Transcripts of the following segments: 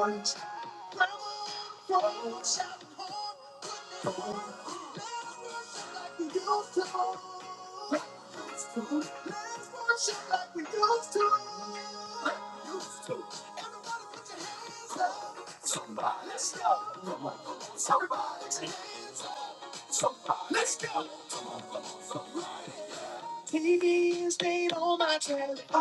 Used to, used to, somebody, somebody, somebody, somebody. Let's go, somebody, somebody, somebody, somebody.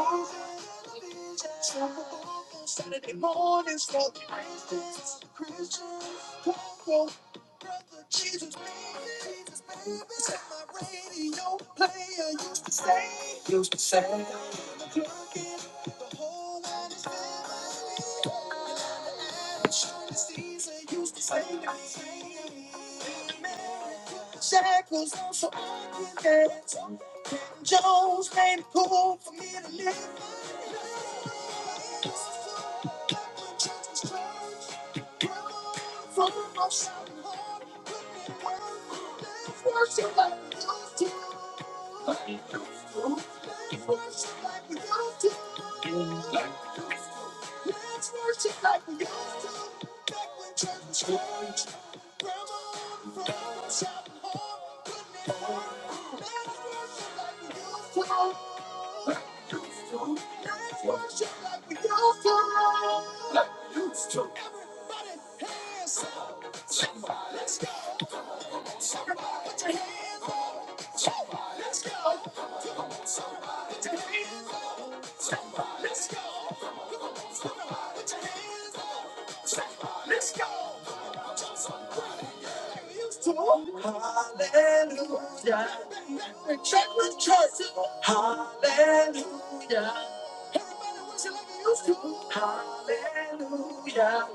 Used to, Hallelujah, we're trapped with choices. Hallelujah, Hallelujah.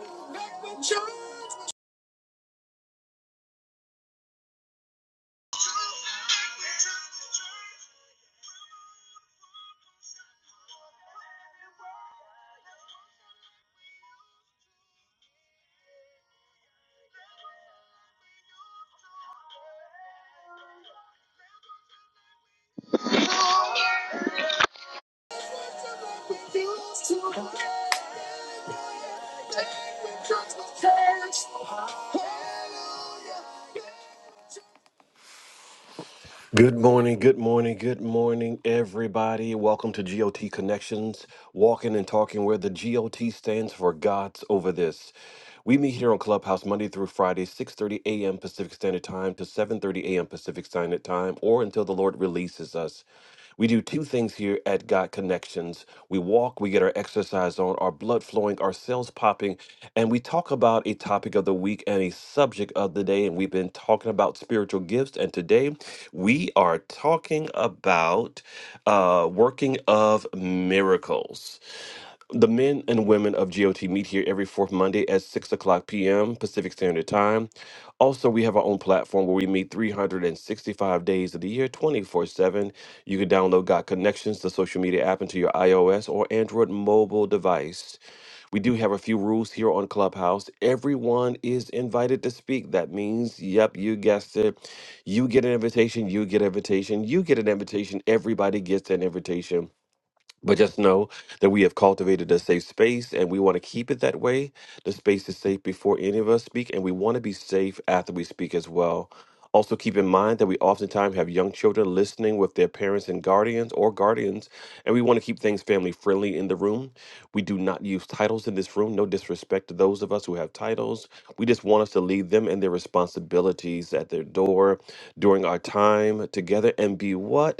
Good morning, good morning, good morning, everybody. Welcome to GOT Connections, walking and talking where the GOT stands for God's over this. We meet here on Clubhouse Monday through Friday, 6:30 a.m. Pacific Standard Time to 7:30 a.m. Pacific Standard Time or until the Lord releases us. We do two things here at God Connections. We walk, we get our exercise on, our blood flowing, our cells popping, and we talk about a topic of the week and a subject of the day. And we've been talking about spiritual gifts. And today we are talking about uh, working of miracles. The men and women of GOT meet here every fourth Monday at 6 o'clock p.m. Pacific Standard Time. Also, we have our own platform where we meet 365 days of the year, 24 7. You can download Got Connections, the social media app, into your iOS or Android mobile device. We do have a few rules here on Clubhouse. Everyone is invited to speak. That means, yep, you guessed it. You get an invitation, you get an invitation, you get an invitation, everybody gets an invitation. But just know that we have cultivated a safe space and we want to keep it that way. The space is safe before any of us speak, and we want to be safe after we speak as well. Also, keep in mind that we oftentimes have young children listening with their parents and guardians or guardians, and we want to keep things family friendly in the room. We do not use titles in this room, no disrespect to those of us who have titles. We just want us to leave them and their responsibilities at their door during our time together and be what?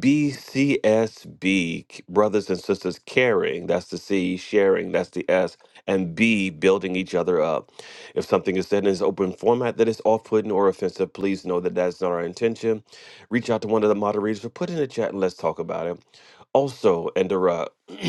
BCSB, brothers and sisters caring, that's the C, sharing, that's the S, and B, building each other up. If something is said in this open format that is off putting or offensive, please know that that's not our intention. Reach out to one of the moderators or put in the chat and let's talk about it. Also, and interrupt.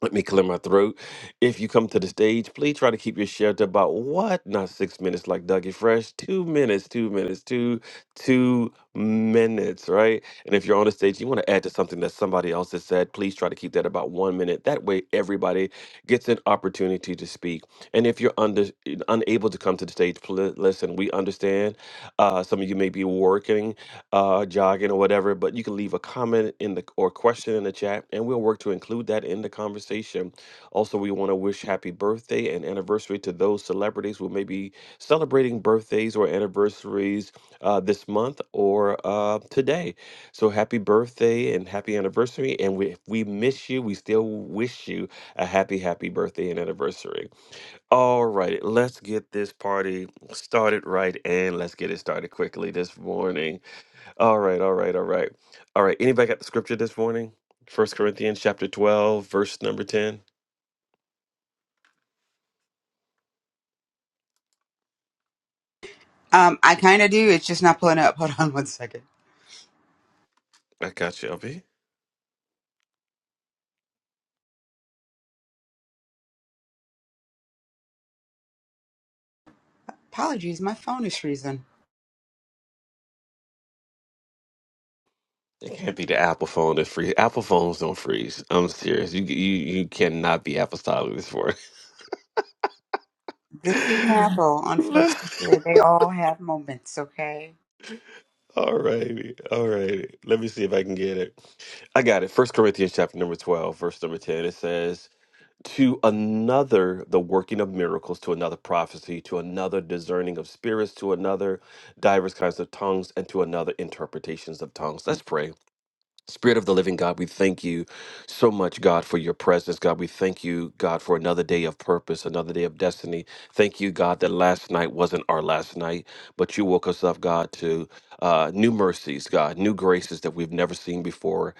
Let me clear my throat. If you come to the stage, please try to keep your share to about what? Not six minutes like Dougie Fresh. Two minutes, two minutes, two, two minutes, right? And if you're on the stage, you want to add to something that somebody else has said, please try to keep that about one minute. That way everybody gets an opportunity to speak. And if you're under, unable to come to the stage, pl- listen, we understand. Uh, some of you may be working uh, jogging or whatever, but you can leave a comment in the or question in the chat, and we'll work to include that in the conversation. Also, we want to wish happy birthday and anniversary to those celebrities who may be celebrating birthdays or anniversaries uh, this month or uh, today. So, happy birthday and happy anniversary! And we, if we miss you, we still wish you a happy, happy birthday and anniversary. All right, let's get this party started right, and let's get it started quickly this morning. All right, all right, all right. All right. Anybody got the scripture this morning? First Corinthians chapter 12, verse number 10. Um, I kind of do. It's just not pulling up. Hold on one second. I got you, LB. Apologies, my phone is freezing. It can't be the Apple phone that freeze. Apple phones don't freeze. I'm serious. You you you cannot be apostolic this This is morning. Apple, unfortunately, they all have moments. Okay. all righty. All righty. Let me see if I can get it. I got it. First Corinthians chapter number 12, verse number 10. It says. to another the working of miracles, to another prophecy, to another discerning of spirits, to another diverse kinds of tongues, and to another interpretations of tongues. Let's pray. Spirit of the living God, we thank you so much, God, for your presence. God, we thank you, God, for another day of purpose, another day of destiny. Thank you, God, that last night wasn't our last night, but you woke us up, God, to uh, new mercies, God, new graces that we've never seen before.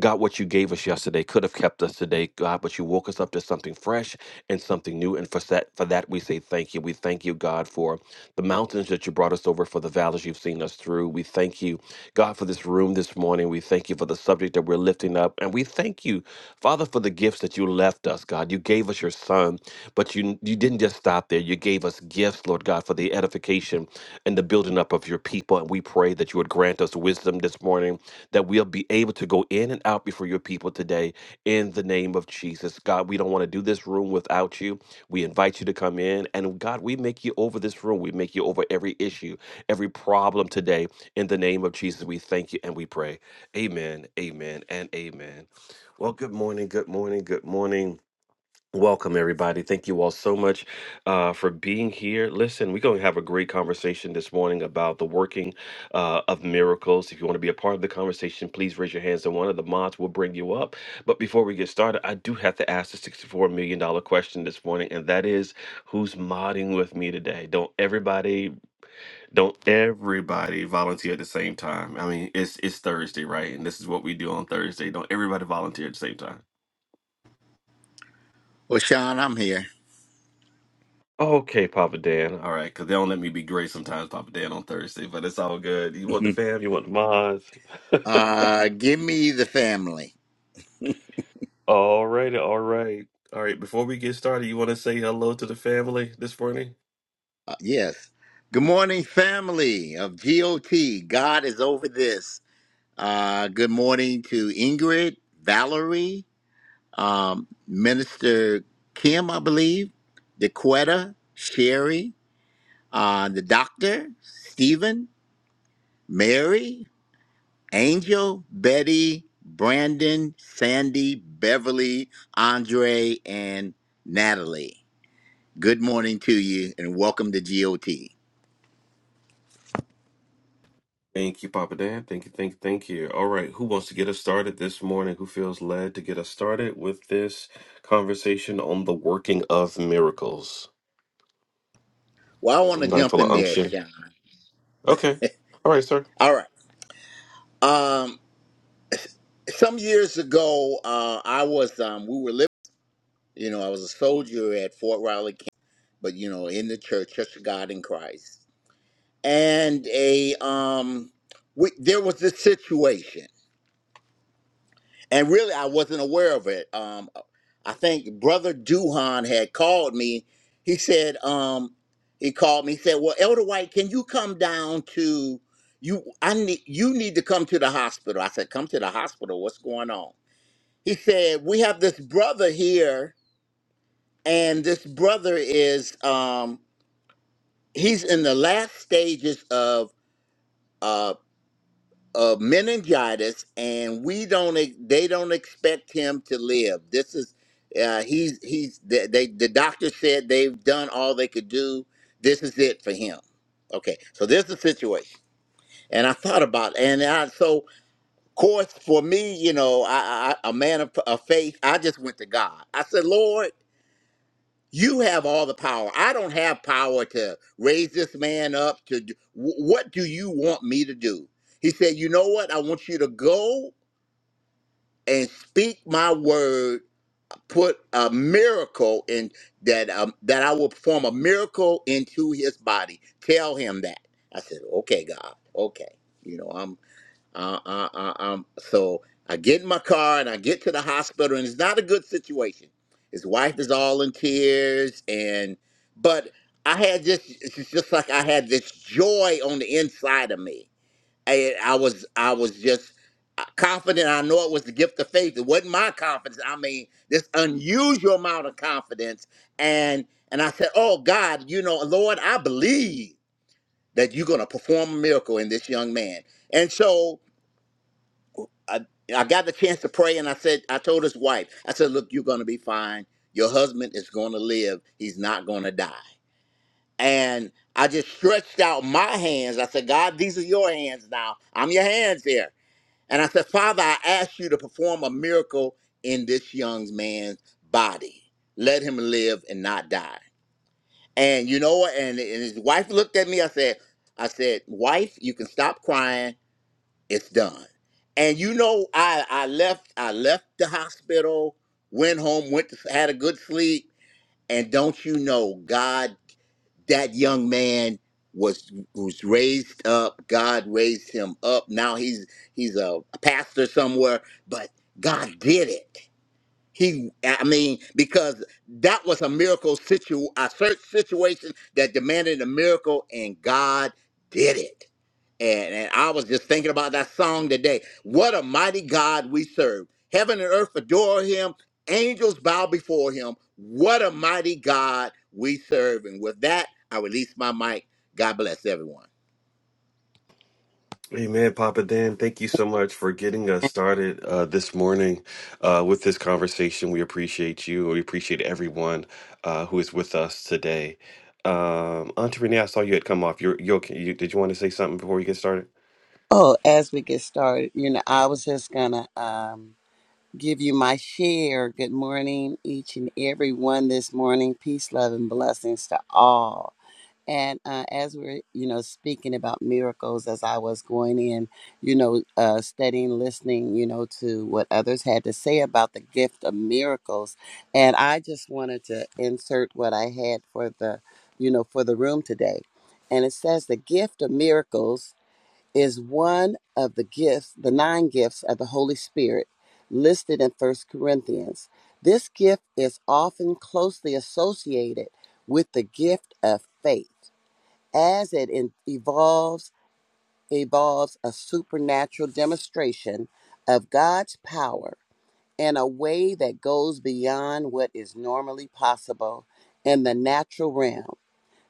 God, what you gave us yesterday could have kept us today, God, but you woke us up to something fresh and something new. And for that, for that, we say thank you. We thank you, God, for the mountains that you brought us over, for the valleys you've seen us through. We thank you, God, for this room this morning. We thank you for the subject that we're lifting up. And we thank you, Father, for the gifts that you left us, God. You gave us your son. Um, but you you didn't just stop there. You gave us gifts, Lord God, for the edification and the building up of your people. And we pray that you would grant us wisdom this morning, that we'll be able to go in and out before your people today in the name of Jesus. God, we don't want to do this room without you. We invite you to come in. And God, we make you over this room. We make you over every issue, every problem today. In the name of Jesus, we thank you and we pray. Amen, amen, and amen. Well, good morning, good morning, good morning. Welcome, everybody. Thank you all so much uh, for being here. Listen, we're going to have a great conversation this morning about the working uh, of miracles. If you want to be a part of the conversation, please raise your hands and one of the mods will bring you up. But before we get started, I do have to ask the $64 million dollar question this morning, and that is who's modding with me today? Don't everybody, don't everybody volunteer at the same time. I mean, it's it's Thursday, right? And this is what we do on Thursday. Don't everybody volunteer at the same time. Well, Sean, I'm here. Okay, Papa Dan. All right, because they don't let me be great sometimes, Papa Dan, on Thursday, but it's all good. You want the Mhm. fam, you want the mods. Uh, give me the family. all right, all right. All right, before we get started, you want to say hello to the family this morning? Uh, yes. Good morning, family of GOT. God is over this. Uh, good morning to Ingrid, Valerie, um, Minister Kim, I believe, DeQuetta, Sherry, uh, the doctor, Stephen, Mary, Angel, Betty, Brandon, Sandy, Beverly, Andre, and Natalie. Good morning to you and welcome to GOT. Thank you, Papa Dan. Thank you, thank you, thank you. All right, who wants to get us started this morning? Who feels led to get us started with this conversation on the working of miracles? Well, I want to Anybody jump feel an in there, unction? Sean. Okay. All right, sir. All right. Um, some years ago, uh, I was, um, we were living, you know, I was a soldier at Fort Riley, Camp, but, you know, in the church, Church of God in Christ. And a, um, we, there was this situation. and really I wasn't aware of it. Um, I think Brother Duhan had called me. He said, um, he called me. He said, "Well, Elder White, can you come down to you? I need you need to come to the hospital." I said, "Come to the hospital? What's going on?" He said, "We have this brother here, and this brother is um, he's in the last stages of." uh, of meningitis and we don't ex- they don't expect him to live this is uh, he's he's they, they the doctor said they've done all they could do this is it for him okay so this is the situation and i thought about it, and i so of course for me you know i, I a man of, of faith i just went to god i said lord you have all the power i don't have power to raise this man up to do, wh- what do you want me to do he said, You know what? I want you to go and speak my word, put a miracle in that um, that I will perform a miracle into his body. Tell him that. I said, okay, God, okay. You know, I'm, uh, uh, uh, um. So I get in my car and I get to the hospital, and it's not a good situation. His wife is all in tears, and but I had this. It's just like I had this joy on the inside of me I, I was I was just uh, confident. I know it was the gift of faith. It wasn't my confidence. I mean, this unusual amount of confidence. And and I said, "Oh God, you know, Lord, I believe that you're going to perform a miracle in this young man." And so I, I got the chance to pray, and I said, I told his wife, I said, "Look, you're going to be fine. Your husband is going to live. He's not going to die." And I just stretched out my hands. I said, God, these are your hands now. I'm your hands here and I said, Father, I ask you to perform a miracle in this young man's body. Let him live and not die. And you know what? And, and his wife looked at me. I said, I said, wife, you can stop crying. It's done. And you know, I, I left, I left the hospital, went home, went to, had a good sleep. And don't you know, God that young man was was raised up. God raised him up. Now he's he's a pastor somewhere, but God did it. He, I mean, because that was a miracle situ, a search situation that demanded a miracle, and God did it. And, and I was just thinking about that song today. What a mighty God we serve! Heaven and earth adore Him. Angels bow before Him. What a mighty God we serve! And with that, I release my mic. God bless everyone. Amen, Papa Dan. Thank you so much for getting us started uh, this morning uh, with this conversation. We appreciate you. We appreciate everyone uh, who is with us today. Um, Auntie Renee, I saw you had come off. You're, you okay? You, did you want to say something before we get started? Oh, as we get started, you know, I was just gonna um, give you my share. Good morning, each and every one this morning. Peace, love, and blessings to all. And uh, as we're, you know, speaking about miracles, as I was going in, you know, uh, studying, listening, you know, to what others had to say about the gift of miracles, and I just wanted to insert what I had for the, you know, for the room today. And it says the gift of miracles is one of the gifts, the nine gifts of the Holy Spirit listed in First Corinthians. This gift is often closely associated with the gift of faith as it in- evolves evolves a supernatural demonstration of God's power in a way that goes beyond what is normally possible in the natural realm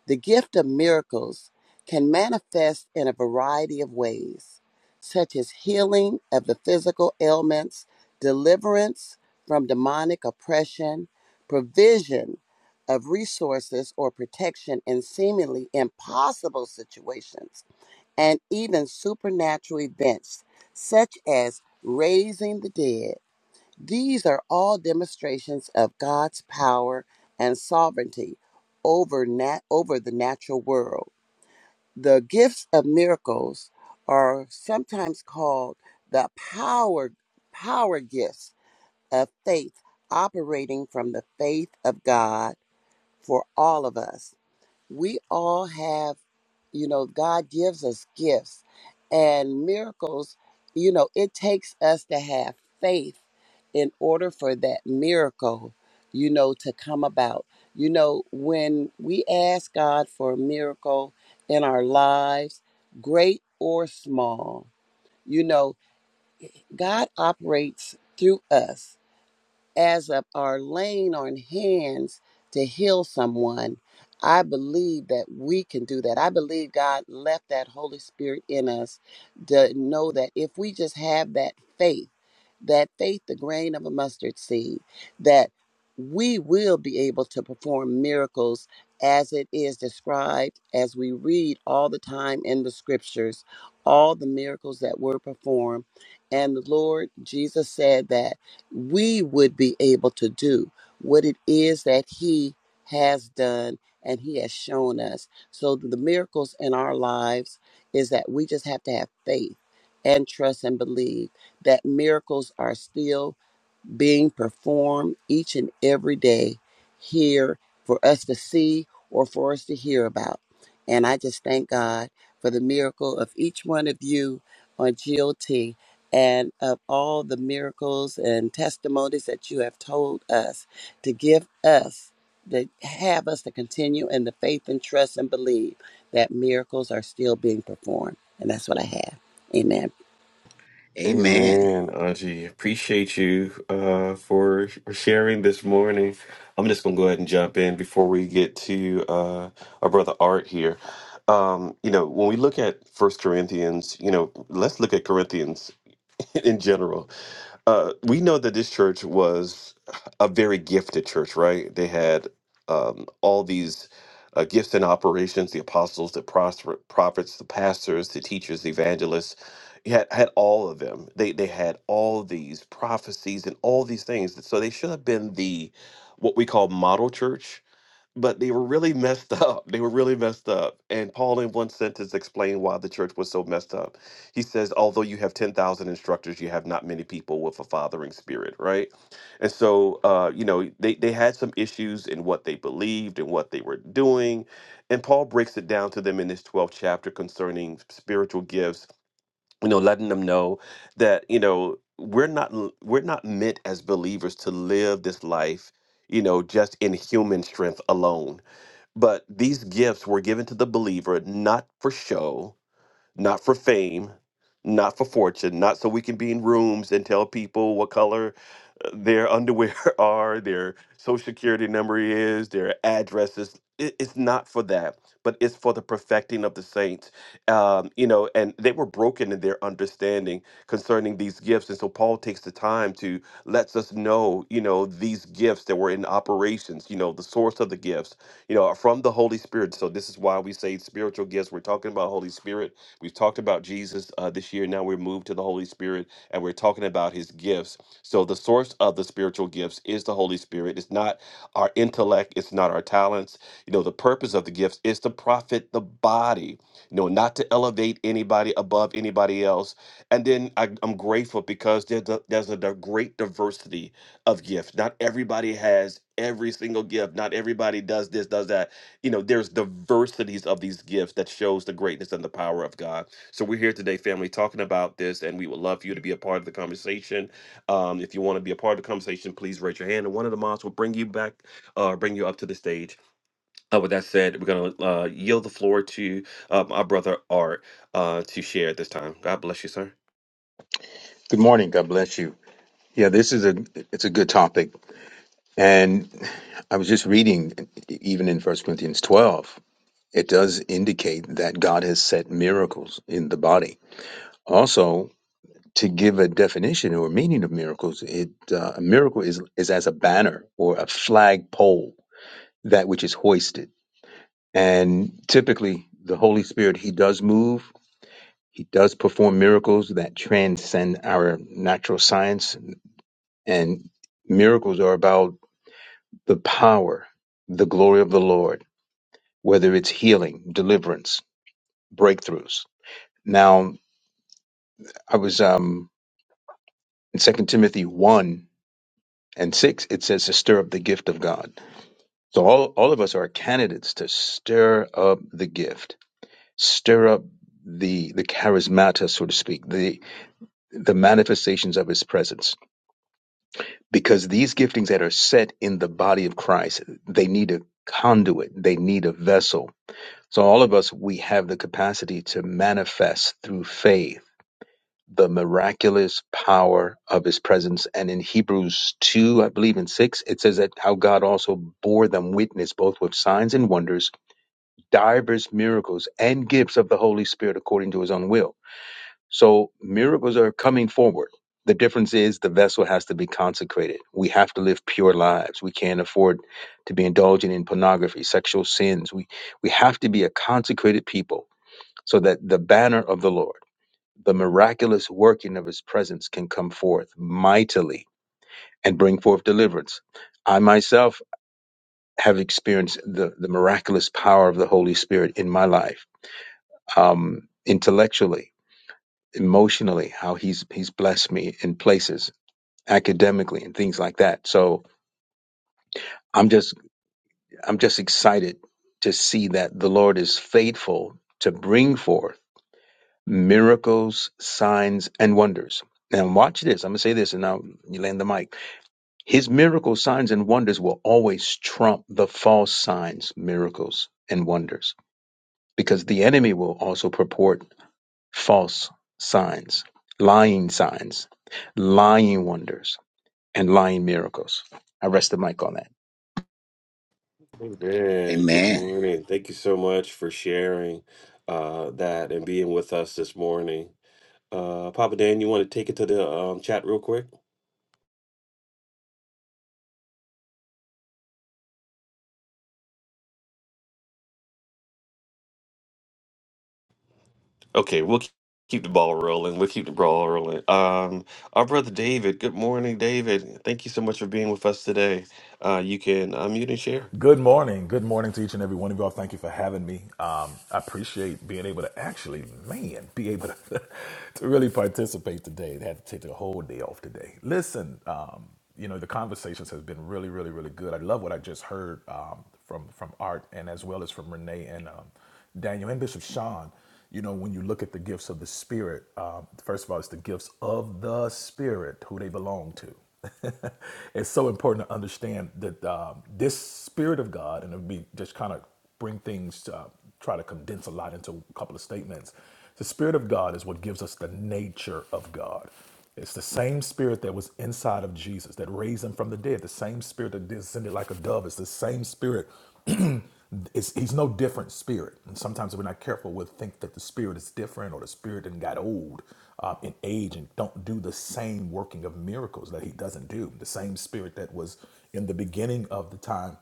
the gift of miracles can manifest in a variety of ways, such as healing of the physical ailments, deliverance from demonic oppression, provision of resources or protection in seemingly impossible situations, and even supernatural events such as raising the dead these are all demonstrations of God's power and sovereignty over, nat- over the natural world. The gifts of miracles are sometimes called the power, power gifts of faith, operating from the faith of God for all of us we all have, you know, God gives us gifts and miracles. You know, it takes us to have faith in order for that miracle, you know, to come about. You know, when we ask God for a miracle in our lives, great or small, you know, God operates through us as of our laying on hands to heal someone, I believe that we can do that. I believe God left that Holy Spirit in us to know that if we just have that faith, that faith, the grain of a mustard seed, that we will be able to perform miracles as it is described, as we read all the time in the scriptures, all the miracles that were performed. And the Lord Jesus said that we would be able to do what it is that He has done and He has shown us. So the miracles in our lives is that we just have to have faith and trust and believe that miracles are still being performed each and every day here for us to see or for us to hear about. And I just thank God for the miracle of each one of you on GOT and of all the miracles and testimonies that you have told us to give us, to have us to continue in the faith and trust and believe that miracles are still being performed. And that's what I have. Amen. Amen. Amen, Auntie. Appreciate you uh, for sharing this morning. I'm just gonna go ahead and jump in before we get to uh, our brother Art here. Um, you know, when we look at First Corinthians, you know, let's look at Corinthians in general. Uh, we know that this church was a very gifted church, right? They had um, all these uh, gifts and operations the apostles, the prosper- prophets, the pastors, the teachers, the evangelists. You had, had all of them. They, they had all these prophecies and all these things. So they should have been the what we call model church but they were really messed up. They were really messed up. And Paul, in one sentence, explained why the church was so messed up. He says, Although you have 10,000 instructors, you have not many people with a fathering spirit, right? And so, uh, you know, they, they had some issues in what they believed and what they were doing. And Paul breaks it down to them in this 12th chapter concerning spiritual gifts, you know, letting them know that, you know, we're not we're not meant as believers to live this life you know, just in human strength alone but these gifts were given to the believer not for show, not for fame, not for fortune, not so we can be in rooms and tell people what color their underwear are, their social security number is, their addresses. It, it's not for that, but it's for the perfecting of the saints. Um, you know, and they were broken in their understanding concerning these gifts. And so Paul takes the time to lets us know, you know, these gifts that were in operations, you know, the source of the gifts, you know, are from the Holy Spirit. So this is why we say spiritual gifts. We're talking about Holy Spirit. We've talked about Jesus uh, this year. Now we're moved to the Holy Spirit and we're talking about his gifts so the source of the spiritual gifts is the Holy Spirit. It's not our intellect, it's not our talents. You know, the purpose of the gifts is to profit the body, you know, not to elevate anybody above anybody else. And then I, I'm grateful because there's a, there's a di- great diversity of gifts. Not everybody has every single gift. Not everybody does this, does that. You know, there's diversities of these gifts that shows the greatness and the power of God. So we're here today, family, talking about this, and we would love for you to be a part of the conversation um, if you want to be a part of the conversation, please raise your hand, and one of the mods will bring you back, uh, bring you up to the stage. Uh, with that said, we're gonna uh, yield the floor to uh, my brother Art uh, to share at this time. God bless you, sir. Good morning. God bless you. Yeah, this is a it's a good topic, and I was just reading, even in First Corinthians twelve, it does indicate that God has set miracles in the body. Also, to give a definition or meaning of miracles, it uh, a miracle is is as a banner or a flagpole, that which is hoisted, and typically the Holy Spirit He does move. He does perform miracles that transcend our natural science. And miracles are about the power, the glory of the Lord, whether it's healing, deliverance, breakthroughs. Now, I was um, in Second Timothy 1 and 6, it says to stir up the gift of God. So all, all of us are candidates to stir up the gift, stir up the the charismata, so to speak, the the manifestations of his presence. Because these giftings that are set in the body of Christ, they need a conduit, they need a vessel So, all of us, we have the capacity to manifest through faith the miraculous power of his presence. And in Hebrews 2, I believe in 6, it says that how God also bore them witness both with signs and wonders, divers miracles, and gifts of the Holy Spirit according to his own will. So, miracles are coming forward. The difference is the vessel has to be consecrated. We have to live pure lives. We can't afford to be indulging in pornography, sexual sins. We, we have to be a consecrated people so that the banner of the Lord, the miraculous working of his presence, can come forth mightily and bring forth deliverance. I myself have experienced the, the miraculous power of the Holy Spirit in my life, um, intellectually, emotionally, how he's he's blessed me in places, academically, and things like that. So I'm just I'm just excited to see that the Lord is faithful to bring forth. miracles, signs, and wonders. Now, watch this. I'm going to say this and now you land the mic. His miracles, signs, and wonders will always trump the false signs, miracles, and wonders because the enemy will also purport false signs, lying signs, lying wonders, and lying miracles. I rest the mic on that. Amen. Good Amen. morning. Thank you so much for sharing uh, that and being with us this morning. Uh, Papa Dan, you want to take it to the um, chat real quick? Okay, we'll keep keep the ball rolling. We'll keep the ball rolling. Um, our brother David, good morning, David. Thank you so much for being with us today. Uh, you can unmute and share. Good morning. Good morning to each and every one of y'all. Thank you for having me. Um, I appreciate being able to actually, man, be able to, to really participate today and have to take the whole day off today. Listen, um, you know, the conversations has been really, really, really good. I love what I just heard um, from from Art and as well as from Renee and um, Daniel and Bishop Sean, you know, when you look at the gifts of the Spirit, um, first of all, it's the gifts of the Spirit who they belong to. it's so important to understand that um, this Spirit of God, and it be just kind of bring things, uh, try to condense a lot into a couple of statements. The Spirit of God is what gives us the nature of God. It's the same spirit that was inside of Jesus that raised him from the dead. The same spirit that descended like a dove. It's the same spirit it's, he's no different spirit. And sometimes we're not careful, we'll think that the spirit is different or the spirit and got old uh, in age and don't do the same working of miracles that he doesn't do. The same spirit that was in the beginning of the time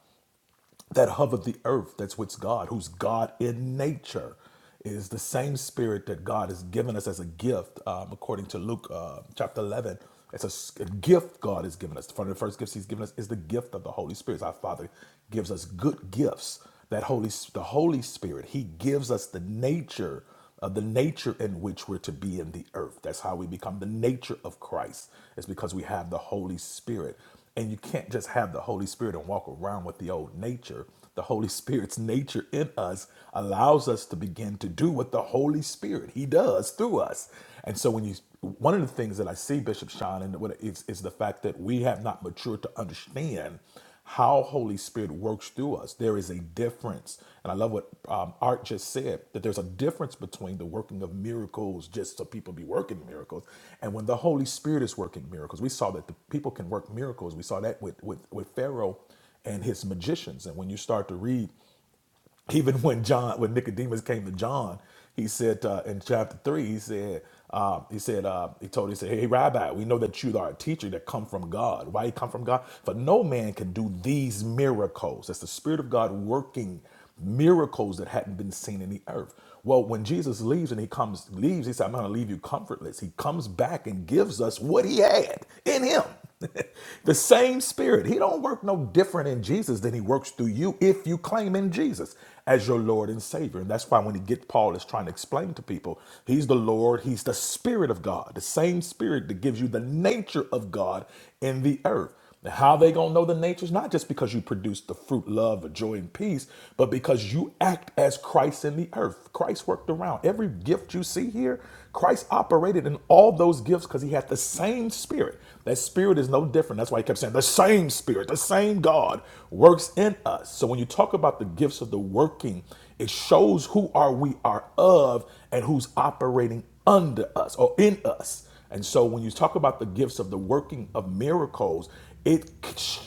that hovered the earth, that's what's God, who's God in nature is the same spirit that God has given us as a gift, um, according to Luke uh, chapter 11. It's a, s- a gift God has given us. One of the first gifts He's given us is the gift of the Holy Spirit. Our Father gives us good gifts that holy the holy spirit he gives us the nature of the nature in which we're to be in the earth that's how we become the nature of christ it's because we have the holy spirit and you can't just have the holy spirit and walk around with the old nature the holy spirit's nature in us allows us to begin to do what the holy spirit he does through us and so when you one of the things that i see bishop sean and what is, is the fact that we have not matured to understand how Holy Spirit works through us. There is a difference. And I love what um, Art just said that there's a difference between the working of miracles, just so people be working miracles, and when the Holy Spirit is working miracles. We saw that the people can work miracles. We saw that with, with, with Pharaoh and his magicians. And when you start to read even when John, when Nicodemus came to John, he said uh, in chapter three, he said, uh, he said, uh, he told, he said, hey Rabbi, we know that you are a teacher that come from God. Why you come from God? For no man can do these miracles. That's the Spirit of God working miracles that hadn't been seen in the earth. Well, when Jesus leaves and he comes, leaves, he said, I'm going to leave you comfortless. He comes back and gives us what he had in him. the same spirit. He don't work no different in Jesus than he works through you if you claim in Jesus as your Lord and Savior. And that's why when he get Paul is trying to explain to people, he's the Lord, he's the Spirit of God, the same spirit that gives you the nature of God in the earth. Now, how they gonna know the nature is not just because you produce the fruit, love, of joy, and peace, but because you act as Christ in the earth. Christ worked around every gift you see here. Christ operated in all those gifts because he had the same spirit. That spirit is no different. That's why he kept saying the same spirit, the same God works in us. So when you talk about the gifts of the working, it shows who are we are of and who's operating under us or in us. And so when you talk about the gifts of the working of miracles, it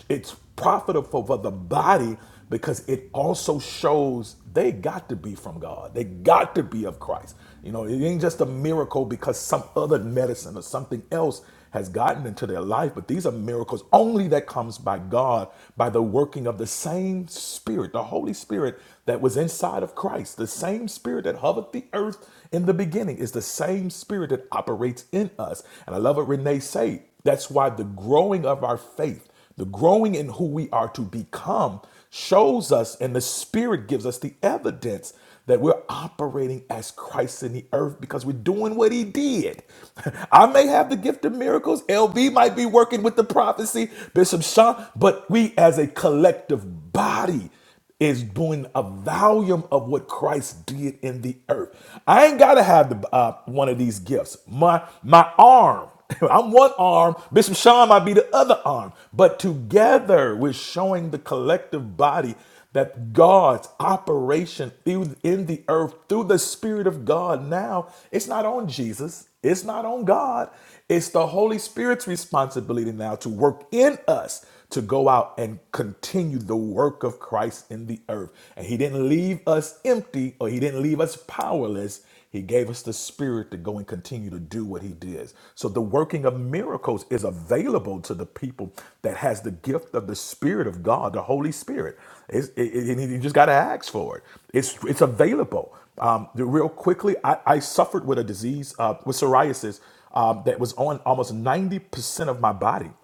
it's profitable for the body because it also shows they got to be from God. They got to be of Christ. You know, it ain't just a miracle because some other medicine or something else has gotten into their life, but these are miracles only that comes by God, by the working of the same spirit, the Holy Spirit that was inside of Christ, the same spirit that hovered the earth in the beginning. It's the same spirit that operates in us. And I love what Renee said. That's why the growing of our faith, the growing in who we are to become, shows us, and the spirit gives us the evidence that we're operating as Christ in the earth because we're doing what he did. I may have the gift of miracles, LB might be working with the prophecy, Bishop Sean, but we as a collective body is doing a volume of what Christ did in the earth. I ain't gotta have the, uh, one of these gifts. My my arm, I'm one arm. Bishop Sean might be the other arm, but together we're showing the collective body that God's operation through in the earth through the Spirit of God. Now it's not on Jesus. It's not on God. It's the Holy Spirit's responsibility now to work in us to go out and continue the work of Christ in the earth. And He didn't leave us empty or He didn't leave us powerless. He gave us the Spirit to go and continue to do what He did. So the working of miracles is available to the people that has the gift of the Spirit of God, the Holy Spirit. It's, it, it- you just got to ask for it. It's it's available. Um, the- real quickly, I, I suffered with a disease uh, with psoriasis um, that was on almost ninety percent of my body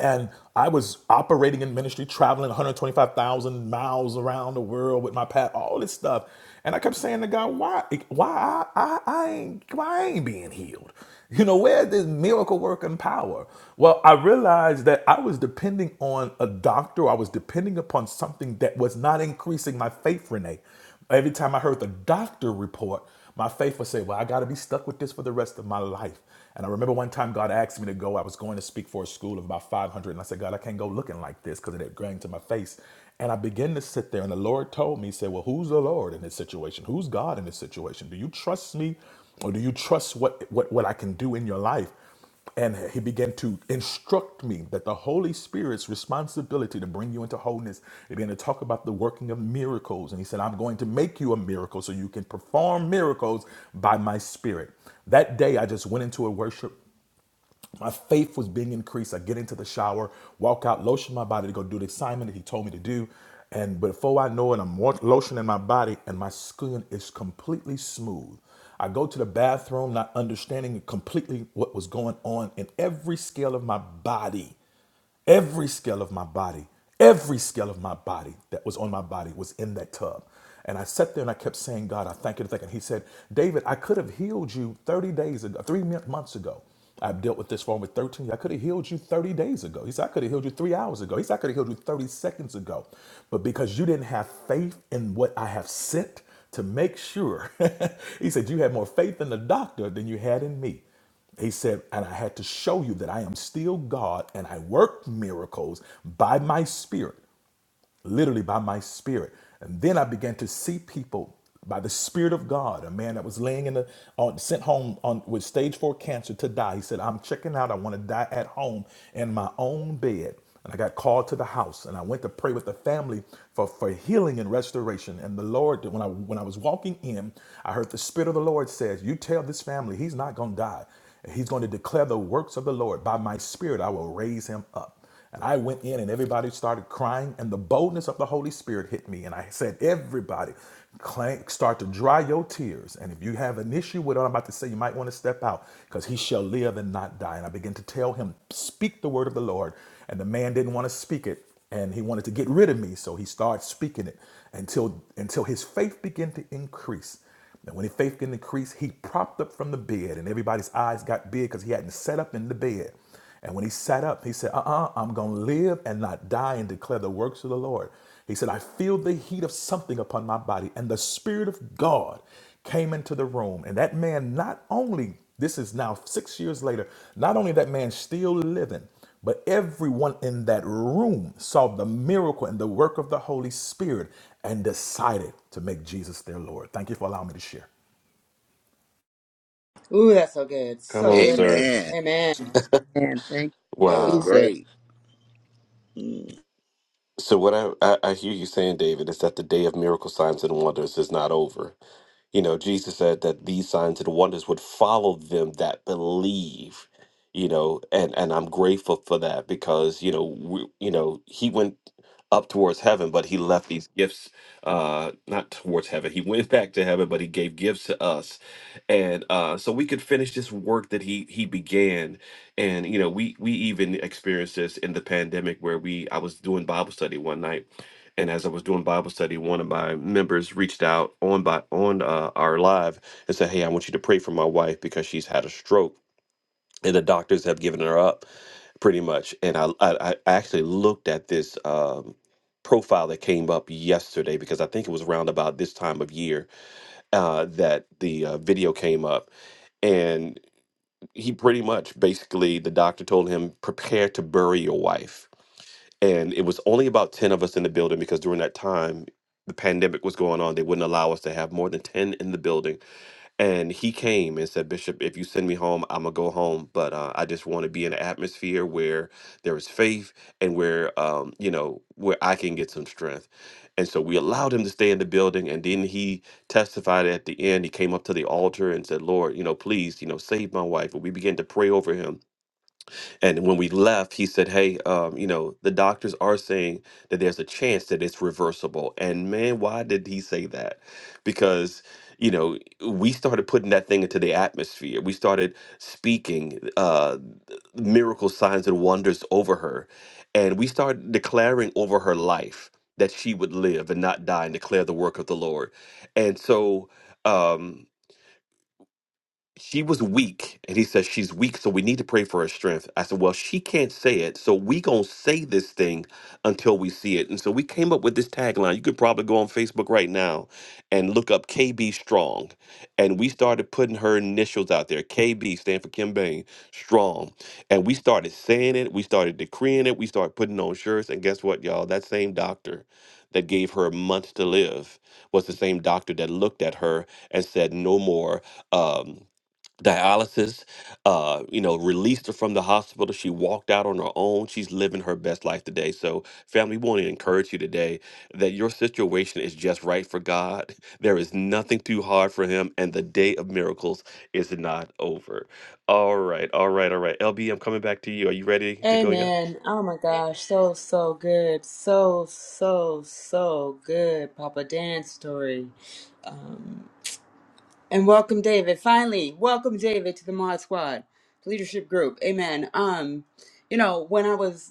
and I was operating in ministry, traveling 125,000 miles around the world with my pat, all this stuff. And I kept saying to God, why, why I, I, I ain't, why I ain't being healed? You know, where's this miracle working power? Well, I realized that I was depending on a doctor. I was depending upon something that was not increasing my faith, Renee. Every time I heard the doctor report, my faith would say, Well, I got to be stuck with this for the rest of my life. And I remember one time God asked me to go. I was going to speak for a school of about 500. And I said, God, I can't go looking like this because it had grown to my face. And I began to sit there. And the Lord told me, He said, Well, who's the Lord in this situation? Who's God in this situation? Do you trust me or do you trust what, what, what I can do in your life? And he began to instruct me that the Holy Spirit's responsibility to bring you into wholeness. He began to talk about the working of miracles. And he said, I'm going to make you a miracle so you can perform miracles by my spirit. That day, I just went into a worship my faith was being increased. I get into the shower, walk out, lotion my body to go do the assignment that he told me to do. And before I know it, I'm wa- lotioning my body and my skin is completely smooth. I go to the bathroom, not understanding completely what was going on in every scale of my body every scale of my body, every scale of my body that was on my body was in that tub. And I sat there and I kept saying, God, I thank you. I thank you." And he said, David, I could have healed you 30 days ago, three mon- months ago. I've dealt with this for over 13 years. I could have healed you 30 days ago. He said, I could have healed you three hours ago. He said, I could have healed you 30 seconds ago. But because you didn't have faith in what I have sent to make sure, he said, you had more faith in the doctor than you had in me. He said, and I had to show you that I am still God and I work miracles by my spirit literally by my spirit. And then I began to see people by the spirit of God. A man that was laying in the on, sent home on with stage four cancer to die. He said, "I'm checking out. I want to die at home in my own bed." And I got called to the house, and I went to pray with the family for, for healing and restoration. And the Lord, when I when I was walking in, I heard the Spirit of the Lord says, "You tell this family he's not going to die. He's going to declare the works of the Lord. By my Spirit, I will raise him up." And I went in and everybody started crying, and the boldness of the Holy Spirit hit me. And I said, Everybody, clank, start to dry your tears. And if you have an issue with what I'm about to say, you might want to step out because he shall live and not die. And I began to tell him, Speak the word of the Lord. And the man didn't want to speak it and he wanted to get rid of me so he started speaking it until until his faith began to increase and when his faith began to increase he propped up from the bed and everybody's eyes got big because he hadn't sat up in the bed and when he sat up, he said, Uh uh i am going to live and not die and declare the works of the Lord. He said, I feel the heat of something upon my body. And the Spirit of God came into the room. And that man, not only, this is now six years later, not only that man still living, but everyone in that room saw the miracle and the work of the Holy Spirit and decided to make Jesus their Lord. Thank you for allowing me to share. Ooh, that's so good. Come So on, good. sir. Amen. Amen. And thank That you, was Wow. Jesus. great. Hmm. So what I, I, I hear you saying, David, is that the day of miracle signs and wonders is not over. You know, Jesus said that these signs and wonders would follow them that believe. You know, and and I'm grateful for that because you know we, you know he went up towards heaven, but he left these gifts uh not towards heaven. He went back to heaven, but he gave gifts to us, and uh so we could finish this work that he he began. And you know, we we even experienced this in the pandemic where we I was doing Bible study one night and as I was doing Bible study, one of my members reached out on by on uh, our live and said, "Hey, I want you to pray for my wife because she's had a stroke and the doctors have given her up, pretty much." And I I, I actually looked at this um, profile that came up yesterday because I think it was around about this time of year uh, that the uh, video came up, and he pretty much basically the doctor told him prepare to bury your wife and it was only about 10 of us in the building because during that time the pandemic was going on they wouldn't allow us to have more than 10 in the building and he came and said bishop if you send me home i'm gonna go home but uh, i just want to be in an atmosphere where there is faith and where um, you know where i can get some strength and so we allowed him to stay in the building and then he testified at the end he came up to the altar and said lord you know please you know save my wife and we began to pray over him and when we left, he said, "Hey, um, you know, the doctors are saying that there's a chance that it's reversible." And man, why did he say that? Because you know, we started putting that thing into the atmosphere. We started speaking uh, miracle signs and wonders over her, and we started declaring over her life that she would live and not die, and declare the work of the Lord. And so. Um, she was weak and he says she's weak so we need to pray for her strength i said well she can't say it so we gonna say this thing until we see it and so we came up with this tagline you could probably go on facebook right now and look up kb strong and we started putting her initials out there kb stand for kim bain strong and we started saying it we started decreeing it we started putting on shirts and guess what y'all that same doctor that gave her months to live was the same doctor that looked at her and said no more Um, dialysis, uh, you know, released her from the hospital. She walked out on her own. She's living her best life today. So, family, we want to encourage you today that your situation is just right for God. There is nothing too hard for Him, and the day of miracles is not over. All right, all right, all right. LB, I'm coming back to you. Are you ready to go yet? Amen. Oh my gosh. So, so good. So, so, so good. Papa Dan's story. And welcome, David. Finally, welcome, David, to the Mod Squad, the leadership group. Amen. Um, you know, when I was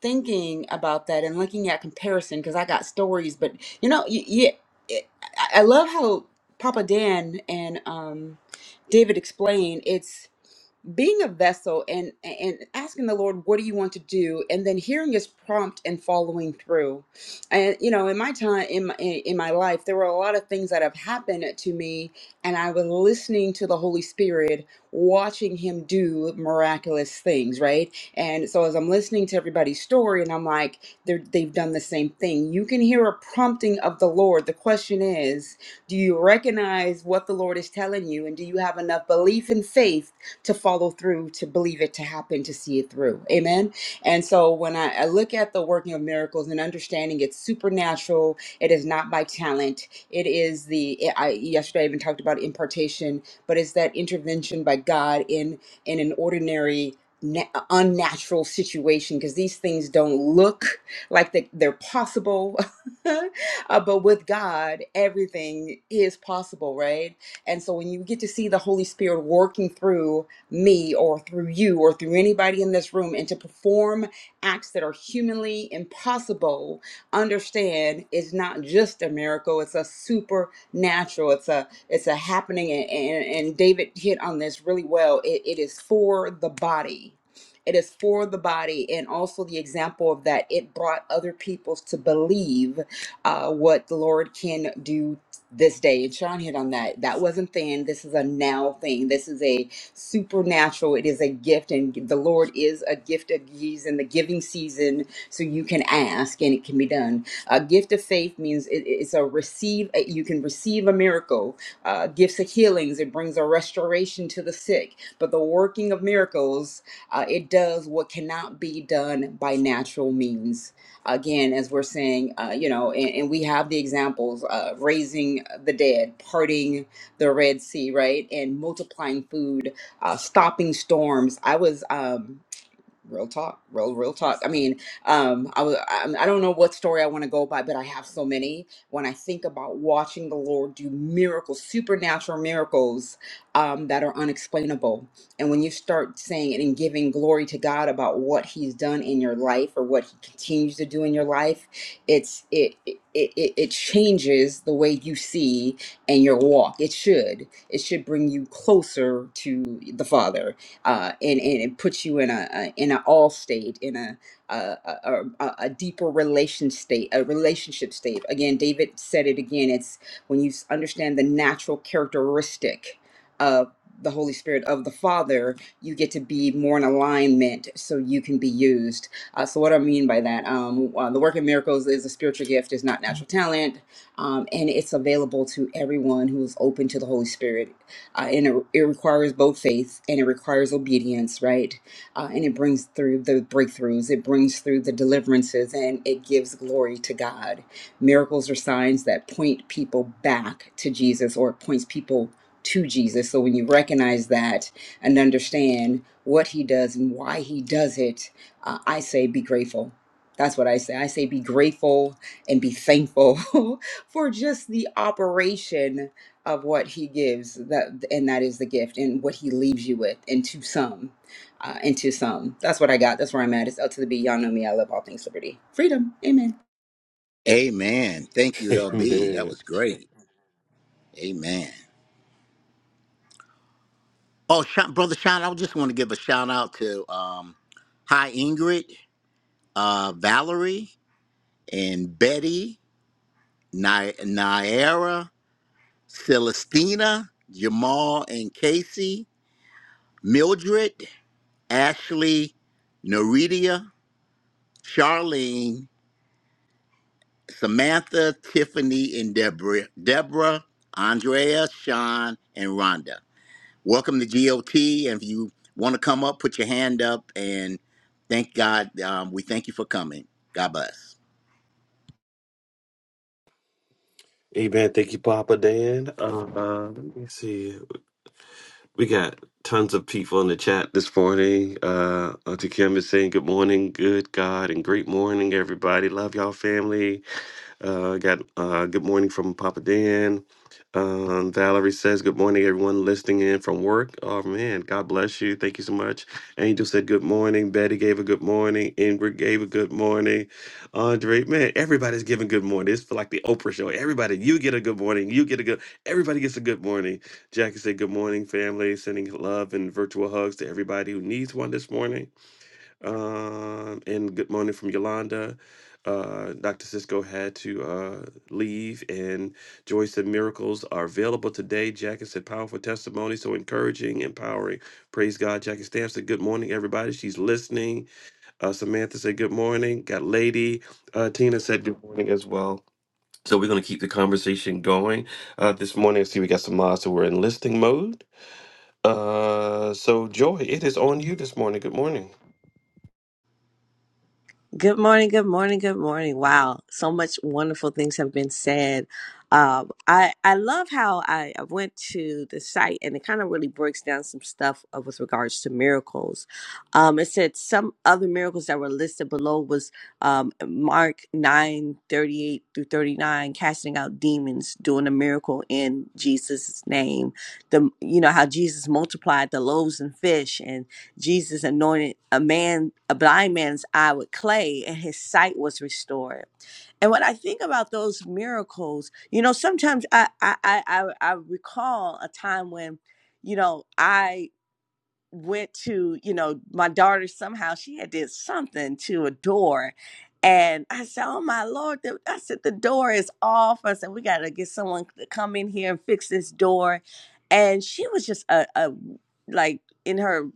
thinking about that and looking at comparison because I got stories, but you know, y- yeah, it, I I love how Papa Dan and um, David explain it's being a vessel and and asking the lord what do you want to do and then hearing his prompt and following through and you know in my time in my, in my life there were a lot of things that have happened to me and i was listening to the holy spirit watching him do miraculous things right and so as i'm listening to everybody's story and i'm like they're- they've done the same thing you can hear a prompting of the lord the question is do you recognize what the lord is telling you and do you have enough belief and faith to follow through, to believe it, to happen, to see it through. Amen. And so when I, I look at the working of miracles and understanding it's supernatural, it is not by talent. It is the I yesterday I even talked about impartation, but it's that intervention by God in in an ordinary na- unnatural situation because these things don't look like that they're possible Uh, but with god everything is possible right and so when you get to see the holy spirit working through me or through you or through anybody in this room and to perform acts that are humanly impossible understand it's not just a miracle it's a supernatural it's a it's a happening and and, and david hit on this really well it, it is for the body it is for the body and also the example of that it brought other peoples to believe uh, what the lord can do this day and sean hit on that that wasn't then this is a now thing this is a supernatural. It is a gift, and the Lord is a gift of He's in the giving season, so you can ask and it can be done. A gift of faith means it, it's a receive. eh, You can receive a miracle. Uh, gifts of healings. It brings a restoration to the sick. But the working of miracles, uh, it does what cannot be done by natural means again, as we're saying, uh, you know, and, and we have the examples uh, raising the dead, parting the Red Sea, right, and multiplying food uh, stopping storms. I was um, real talk real real talk i mean um i was I, I don't know what story i want to go by but i have so many when i think about watching the lord do miracles supernatural miracles um that are unexplainable and when you start saying it and giving glory to god about what he's done in your life or what he continues to do in your life it's it it it, it changes the way you see and your walk it should it should bring you closer to the father uh, and, and it puts you in a, a in an all state, in a a, a a a deeper relation state, a relationship state. Again, David said it again. It's when you s- understand the natural characteristic of the Holy Spirit of the Father, you get to be more in alignment, so you can be used. Uh, so, what I mean by that, um, uh, the work of miracles is a spiritual gift, is not natural talent, um, and it's available to everyone who is open to the Holy Spirit uh, and it, it requires both faith and it requires obedience, right? Uh, and it brings through the breakthroughs, it brings through the deliverances, and it gives glory to God. Miracles are signs that point people back to Jesus or it points people to Jesus. So when you recognize that and understand what he does and why he does it, uh, I say be grateful. That's what I say. I say be grateful and be thankful for just the operation of what he gives that and that is the gift and what he leaves you with and to some uh, and to some that's what i got that's where i'm at it's l to the b y'all know me i love all things liberty freedom amen Amen. Thank you, LB. That Amen. was great. Amen. Oh, shout, brother, shout! I just want to give a shout out to um, Hi Ingrid, uh, Valerie, and Betty, Ni- Naira, Celestina, Jamal, and Casey, Mildred, Ashley, Naridia, Charlene, Samantha, Tiffany, and Deborah, Deborah, Andrea, Sean, and Rhonda. Welcome to GOT. And if you want to come up, put your hand up and thank God. Um, we thank you for coming. God bless. Amen. Thank you, Papa Dan. Uh, let me see. We got tons of people in the chat this morning. Uh, Auntie Kim is saying good morning, good God, and great morning, everybody. Love y'all, family. Uh, got uh, good morning from Papa Dan. Um, Valerie says, Good morning, everyone listening in from work. Oh, man, God bless you. Thank you so much. Angel said, Good morning. Betty gave a good morning. Ingrid gave a good morning. Andre, man, everybody's giving good morning. It's for like the Oprah show. Everybody, you get a good morning. You get a good, everybody gets a good morning. Jackie said, Good morning, family. Sending love and virtual hugs to everybody who needs one this morning um, and good morning from Yolanda. Uh, Dr. Cisco had to uh, leave, and Joy said miracles are available today. Jackie said powerful testimony, so encouraging, empowering. Praise God. Jackie Stamp said good morning, everybody. She's listening. Uh, Samantha said good morning. Got Lady. Uh, Tina said good morning as well. So we're going to keep the conversation going uh, this morning. I see we got some mods, so we're in listening mode. Uh, so Joy, it is on you this morning. Good morning. Good morning, good morning, good morning. Wow, so much wonderful things have been said. Um, I I love how I, I went to the site and it kind of really breaks down some stuff uh, with regards to miracles. Um, it said some other miracles that were listed below was um, Mark nine thirty eight through thirty nine, casting out demons, doing a miracle in Jesus' name. The you know how Jesus multiplied the loaves and fish and. Jesus anointed a man, a blind man's eye with clay, and his sight was restored. And when I think about those miracles, you know, sometimes I I I, I recall a time when, you know, I went to, you know, my daughter somehow she had did something to a door. And I said, Oh my Lord, I said, the door is off. I said, we gotta get someone to come in here and fix this door. And she was just a, a like in her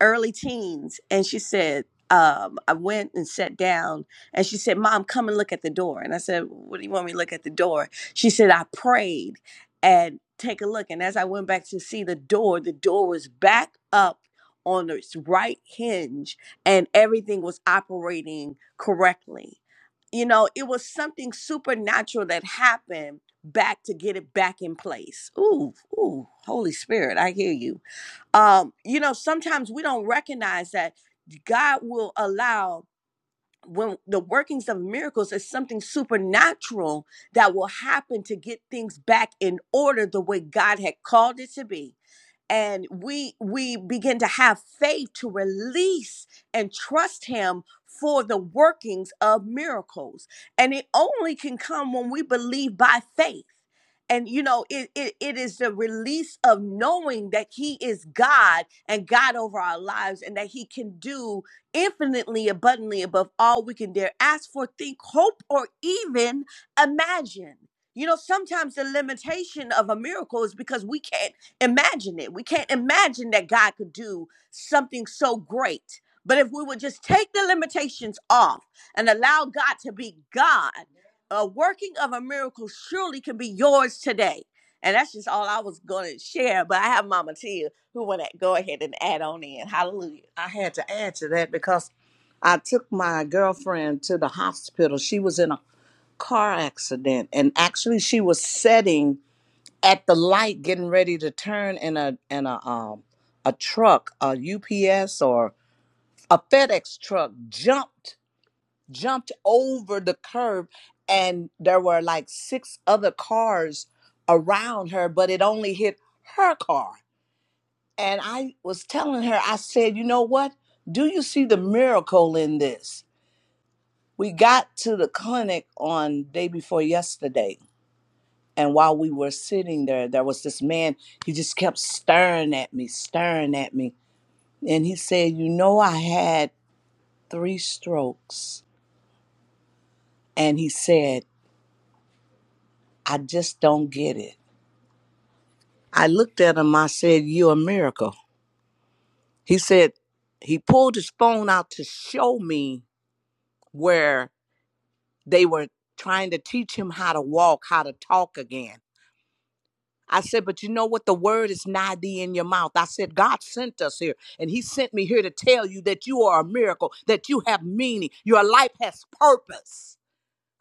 early teens. And she said, um, I went and sat down and she said, Mom, come and look at the door. And I said, What do you want me to look at the door? She said, I prayed and take a look. And as I went back to see the door, the door was back up on its right hinge and everything was operating correctly. You know, it was something supernatural that happened back to get it back in place. Ooh, ooh, Holy Spirit, I hear you. Um, you know, sometimes we don't recognize that God will allow when the workings of miracles is something supernatural that will happen to get things back in order the way God had called it to be and we we begin to have faith to release and trust him for the workings of miracles and it only can come when we believe by faith and you know it, it it is the release of knowing that he is god and god over our lives and that he can do infinitely abundantly above all we can dare ask for think hope or even imagine you know sometimes the limitation of a miracle is because we can't imagine it. We can't imagine that God could do something so great. But if we would just take the limitations off and allow God to be God, a working of a miracle surely can be yours today. And that's just all I was going to share. But I have Mama Tia who want to go ahead and add on in. Hallelujah. I had to add to that because I took my girlfriend to the hospital. She was in a car accident, and actually, she was setting at the light getting ready to turn and a and a um a truck a UPS or a FedEx truck jumped jumped over the curb and there were like six other cars around her but it only hit her car and I was telling her I said you know what do you see the miracle in this we got to the clinic on day before yesterday And while we were sitting there, there was this man, he just kept staring at me, staring at me. And he said, You know, I had three strokes. And he said, I just don't get it. I looked at him, I said, You're a miracle. He said, He pulled his phone out to show me where they were trying to teach him how to walk, how to talk again I said, but you know what? The word is nigh thee in your mouth. I said, God sent us here, and He sent me here to tell you that you are a miracle, that you have meaning, your life has purpose.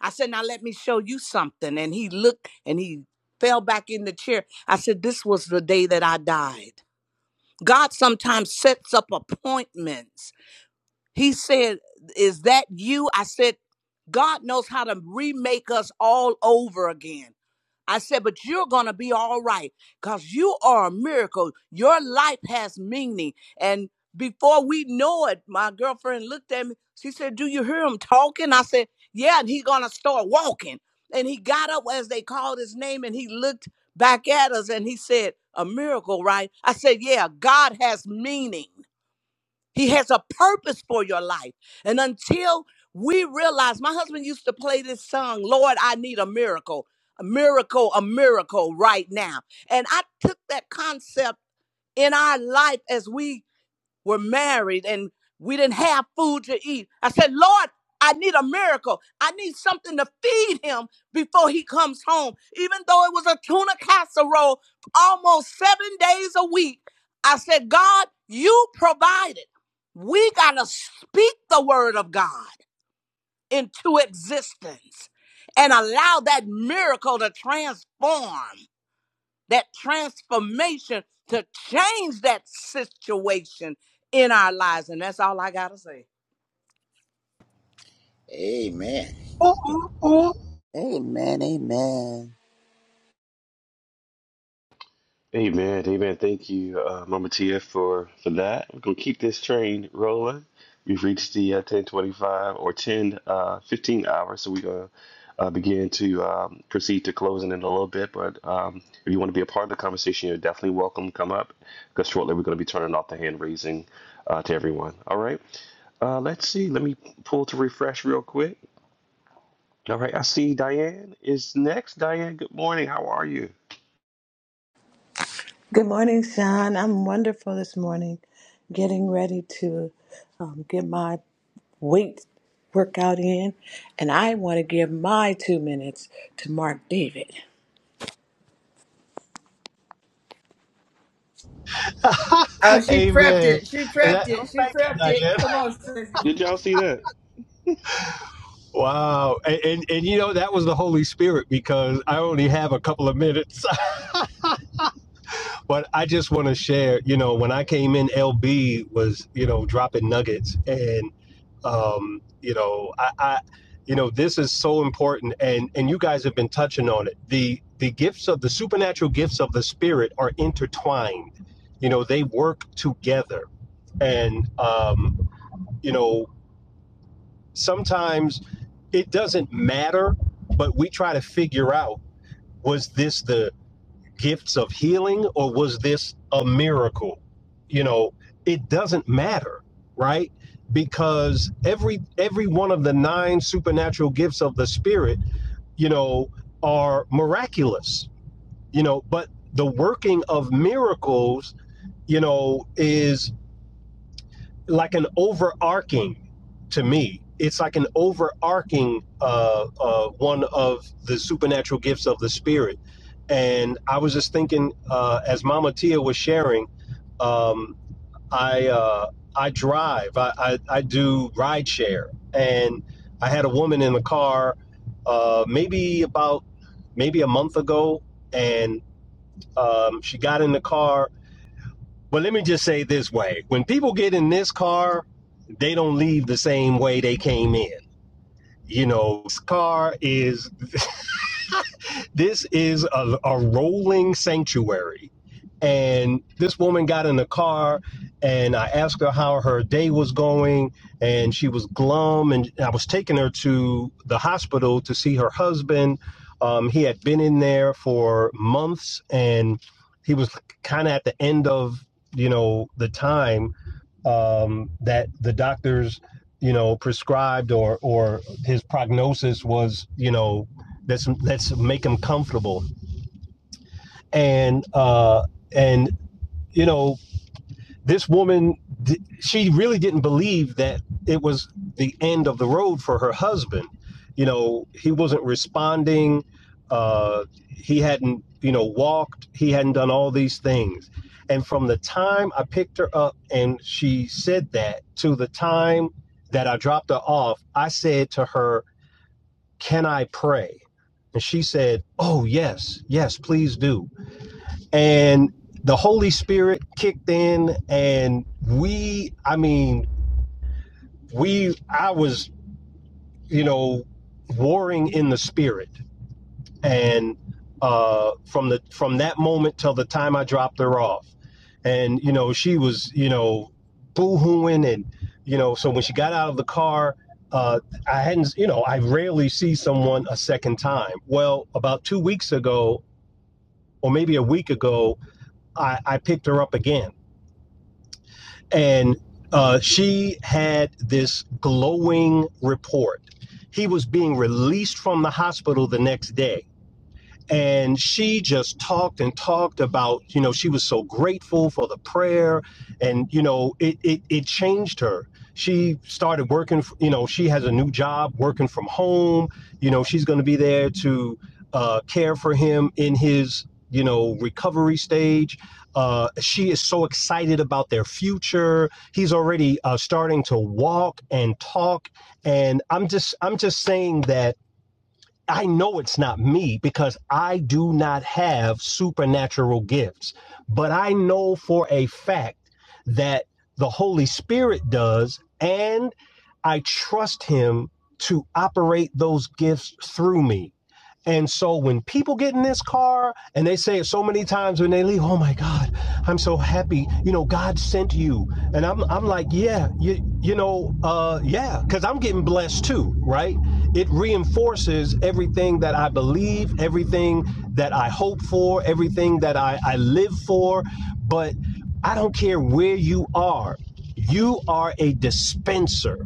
I said, now let me show you something. And he looked and he fell back in the chair. I said, this was the day that I died. God sometimes sets up appointments he said, Is that you? I said, God knows how to remake us all over again. I said, But you're going to be all right because you are a miracle. Your life has meaning. And before we know it, my girlfriend looked at me. She said, Do you hear him talking? I said, Yeah, and he's going to start walking. And he got up as they called his name and he looked back at us and he said, A miracle, right? I said, Yeah, God has meaning. He has a purpose for your life. And until we realize, my husband used to play this song, Lord, I need a miracle, a miracle, a miracle right now. And I took that concept in our life as we were married and we didn't have food to eat. I said, Lord, I need a miracle. I need something to feed him before he comes home. Even though it was a tuna casserole almost seven days a week, I said, God, you provided. We got to speak the word of God into existence and allow that miracle to transform that transformation to change that situation in our lives. And that's all I got to say. Amen. Ooh, ooh, ooh. Amen. Amen. Amen, amen. Thank you, uh, Mama Tia, for for that. We're gonna keep this train rolling. We've reached the uh, ten twenty five or ten uh, fifteen hours, so we're gonna uh, begin to um, proceed to closing in a little bit. But um, if you want to be a part of the conversation, you're definitely welcome. to Come up because shortly we're gonna be turning off the hand raising uh, to everyone. All right. Uh, let's see. Let me pull to refresh real quick. All right. I see Diane is next. Diane, good morning. How are you? Good morning, Sean. I'm wonderful this morning. Getting ready to um, get my weight workout in, and I want to give my two minutes to Mark David. oh she prepped Amen. it she prepped That, it oh, she thank you, prepped Diane. it come on sis. Did y'all see that? Wow. And, and, and you know, that was the Holy Spirit because I only have a couple of minutes. But I just want to share, you know, when I came in, LB was, you know, dropping nuggets. And, um, you know, I, I, you know, this is so important. And, and you guys have been touching on it. The, the gifts of the supernatural gifts of the Spirit are intertwined, you know, they work together. And, um, you know, sometimes it doesn't matter, but we try to figure out was this the gifts of healing or was this a miracle? You know, it doesn't matter, right? Because every every one of the nine supernatural gifts of the spirit, you know, are miraculous. You know, but the working of miracles, you know, is like an overarching to me it's like an overarching uh, uh, one of the supernatural gifts of the spirit and i was just thinking uh, as mama tia was sharing um, i uh, i drive I, I, I do rideshare, and i had a woman in the car uh, maybe about maybe a month ago and um, she got in the car but let me just say this way when people get in this car, they don't leave the same way they came in. You know, this car is, this is a, a rolling sanctuary. And this woman got in the car, and I asked her how her day was going, and she was glum. And I was taking her to the hospital to see her husband. Um, he had been in there for months, and he was kind of at the end of, you know, the time um, that the doctors, you know, prescribed or or his prognosis was, you know, let's let's make him comfortable. And uh, and you know, this woman she really didn't believe that it was the end of the road for her husband you know he wasn't responding uh he hadn't you know walked he hadn't done all these things and from the time i picked her up and she said that to the time that i dropped her off i said to her can i pray and she said oh yes yes please do and the Holy Spirit kicked in, and we, I mean, we, I was, you know, warring in the spirit, and uh, from the from that moment till the time I dropped her off, and you know, she was, you know, boohooing, and you know, so when she got out of the car. Uh, I hadn't, you know, I rarely see someone a second time. Well, about two weeks ago, or maybe a week ago, I, I picked her up again and uh, she had this glowing report. He was being released from the hospital the next day and she just talked and talked about you know she was so grateful for the prayer and you know it it, it changed her she started working f- you know she has a new job working from home you know she's going to be there to uh, care for him in his you know recovery stage uh, she is so excited about their future he's already uh, starting to walk and talk and i'm just i'm just saying that I know it's not me because I do not have supernatural gifts, but I know for a fact that the Holy Spirit does, and I trust Him to operate those gifts through me. And so when people get in this car and they say it so many times when they leave, oh my God, I'm so happy. You know, God sent you. And I'm, I'm like, yeah, you, you know, uh, yeah, because I'm getting blessed too, right? It reinforces everything that I believe, everything that I hope for, everything that I, I live for. But I don't care where you are, you are a dispenser.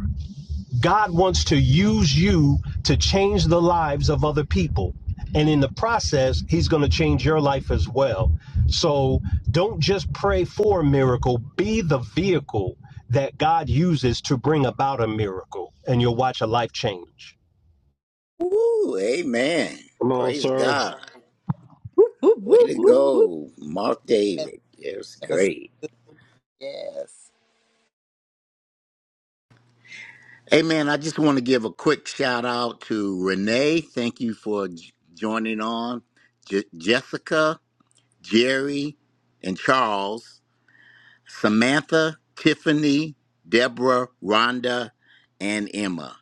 God wants to use you to change the lives of other people. And in the process, he's going to change your life as well. So don't just pray for a miracle, be the vehicle that God uses to bring about a miracle, and you'll watch a life change. Woo, amen. Come on, Praise sir. God. Whoop, Way whoop, to whoop. Ooh, go, Mark that David. It was was great. good. Yes. Hey, man, I just want to give a quick shout out to Renee. Thank you for j- joining on. Je- Jessica, Jerry, and Charles. Samantha, Tiffany, Deborah, Rhonda, and Emma.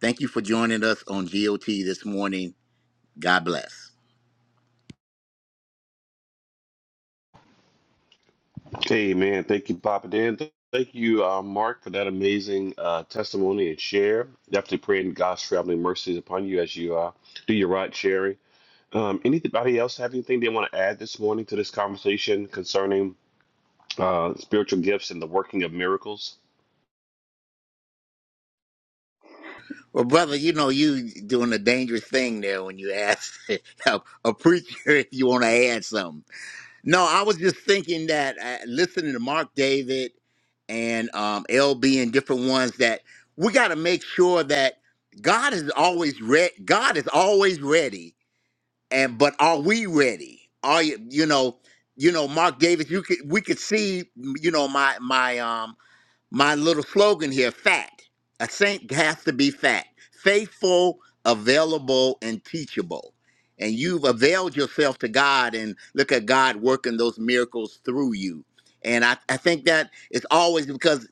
Thank you for joining us on GOT this morning. God bless. Hey, man. Thank you, Papa Dan. Th- Thank you, uh, Mark, for that amazing uh, testimony and share. Definitely praying God's traveling mercies upon you as you uh, do your ride sharing. Um, anybody else have anything they want to add this morning to this conversation concerning uh, spiritual gifts and the working of miracles? Well, brother, you know you doing a dangerous thing there when you ask a a preacher if you want to add something. No, I was just thinking that uh, listening to Mark David and um, LB and different ones that we got to make sure that God is always re- God is always ready and but are we ready? Are you you know you know Mark Davis? You could we could see you know my my um my little slogan here: fat. A saint has to be fat, faithful, available, and teachable. And you've availed yourself to God, and look at God working those miracles through you. And I, I think that it's always because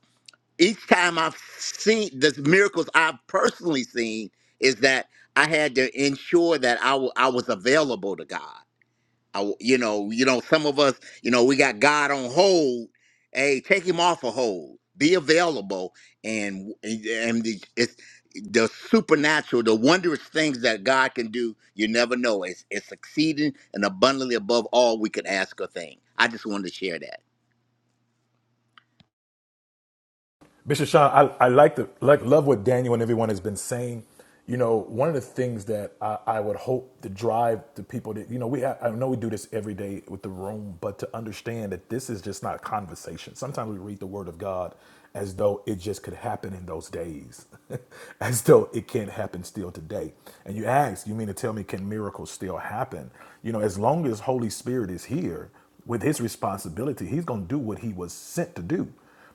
each time I've seen the miracles I've personally seen is that I had to ensure that I wa- I was available to God. I, w- you know, you know, some of us, you know, we got God on hold. Hey, take him off a hold. Be available, and and and the- it's the supernatural, the wondrous things that God can do. You never know. It's it's exceeding and abundantly above all we could ask or think. I just wanted to share that. Bishop Sean, I, I like the like love what Daniel and everyone has been saying. You know, one of the things that I, I would hope to drive the people that you know we I know we do this every day with the room, but to understand that this is just not conversation. Sometimes we read the Word of God as though it just could happen in those days, as though it can't happen still today. And you ask, you mean to tell me can miracles still happen? You know, as long as Holy Spirit is here with His responsibility, He's going to do what He was sent to do.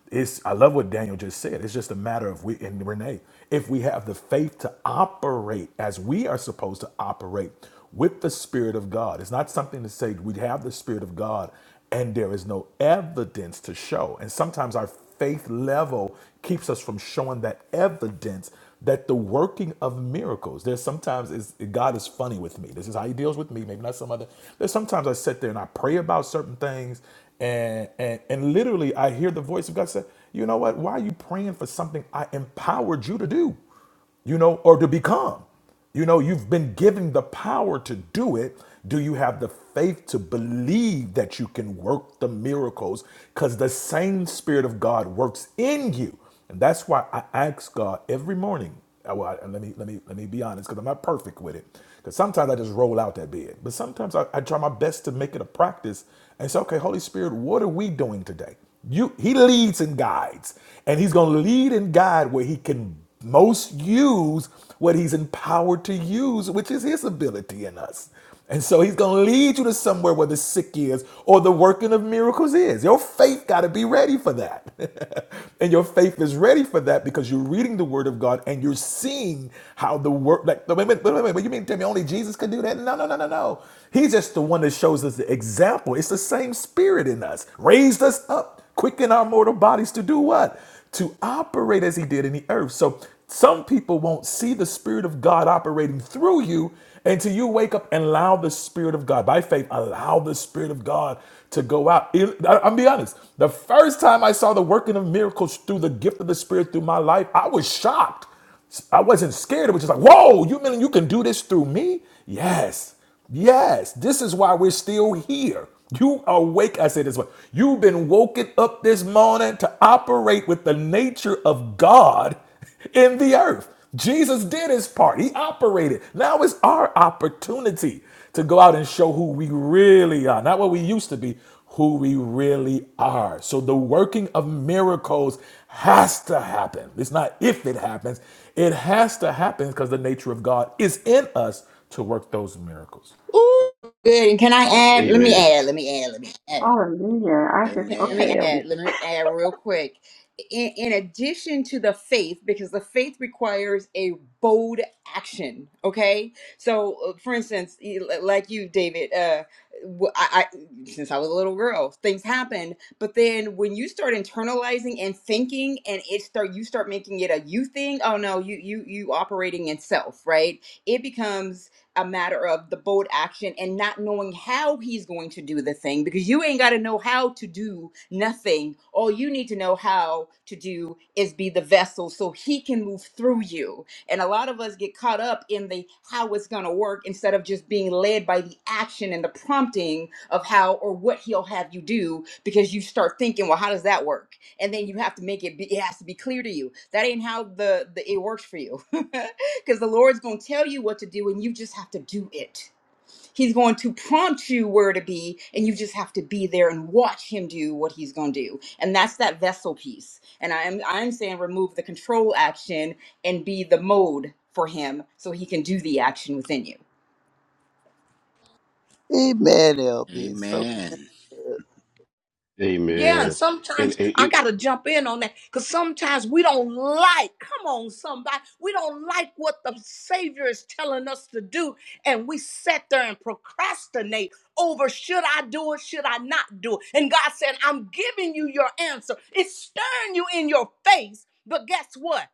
It's I love what Daniel just said. It's just a matter of we and Renee, if we have the faith to operate as we are supposed to operate with the Spirit of God. It's not something to say we have the Spirit of God and there is no evidence to show. And sometimes our faith level keeps us from showing that evidence that the working of miracles there's sometimes is god is funny with me this is how he deals with me maybe not some other there's sometimes i sit there and i pray about certain things and and and literally i hear the voice of god say you know what why are you praying for something i empowered you to do you know, or to become. You know, you've been given the power to do it. Do you have the faith to believe that you can work the miracles? Because the same Spirit of God works in you. And that's why I ask God every morning. uh, Well, I- let me let me let me be honest, because I'm not perfect with it. Because sometimes I just roll out that bed, but sometimes I, I try my best to make it a practice and say, "Okay, Holy Spirit, what are we doing today?" You, He leads and guides, and He's going to lead and guide where He can most use what he's empowered to use, which is his ability in us. And so he's going to lead you to somewhere where the sick is or the working of miracles is. Your faith got to be ready for that. and your faith is ready for that because you're reading the word of God and you're seeing how the work. like, wait a minute, wait a minute, wait, you mean to tell me only Jesus could do that? No, no, no, no, no. He's just the one that shows us the example. It's the same spirit in us, raised us up up, quicken our mortal bodies to do what? To operate as he did in the earth. So some people won't see the Spirit of God operating through you until you wake up and allow the Spirit of God, by faith, allow the Spirit of God to go out. It- I- I'll be honest. The first time I saw the working of miracles through the gift of the Spirit through my life, I was shocked. I wasn't scared. It was just like, whoa, you mean you can do this through me? Yes. Yes. This is why we're still here. You are awake, I say this way. You've been woken up this morning to operate with the nature of God in the earth. Jesus did his part. He operated. Now it's our opportunity to go out and show who we really are. Not what we used to be, who we really are. So the working of miracles has to happen. It's not if it happens, it has to happen because the nature of God is in us to work those miracles. Ooh, good and can i add let me Amen. add let me add let me add Hallelujah. I just, Yeah, let Amen. me okay, Elby. add, let me add real quick. In, in addition to the faith, because the faith requires a bold action, okay? So, uh, for instance, you- li- like you, David, uh, w- I, I- since I was a little girl, things happened. But then when you start internalizing and thinking, and it start you start making it a you thing. Oh no, you you you operating in self, right? It becomes a matter of the bold action and not knowing how he's going to do the thing because you ain't got to know how to do nothing. All you need to know how to do is be the vessel so he can move through you. And a lot of us get caught up in the how it's going to work instead of just being led by the action and the prompting of how or what he'll have you do because you start thinking, well, how does that work? And then you have to make it, be, it has to be clear to you. That ain't how the, the it works for you. because the Lord's going to tell you what to do and you just have to do it. He's going to prompt you where to be and you just have to be there and watch him do what he's going to do. And that's that vessel piece. And I am I'm saying remove the control action and be the mode for him so he can do the action within you. Amen, LB. It's so Amen. good. Yeah, and Amen. And, sometimes I and, gotta jump in on that because sometimes we don't like, come on, somebody, we don't like what the Savior is telling us to do, and we sit there and procrastinate over should I do it, should I not do it? And God said, I'm giving you your answer. It's staring you in your face, but guess what?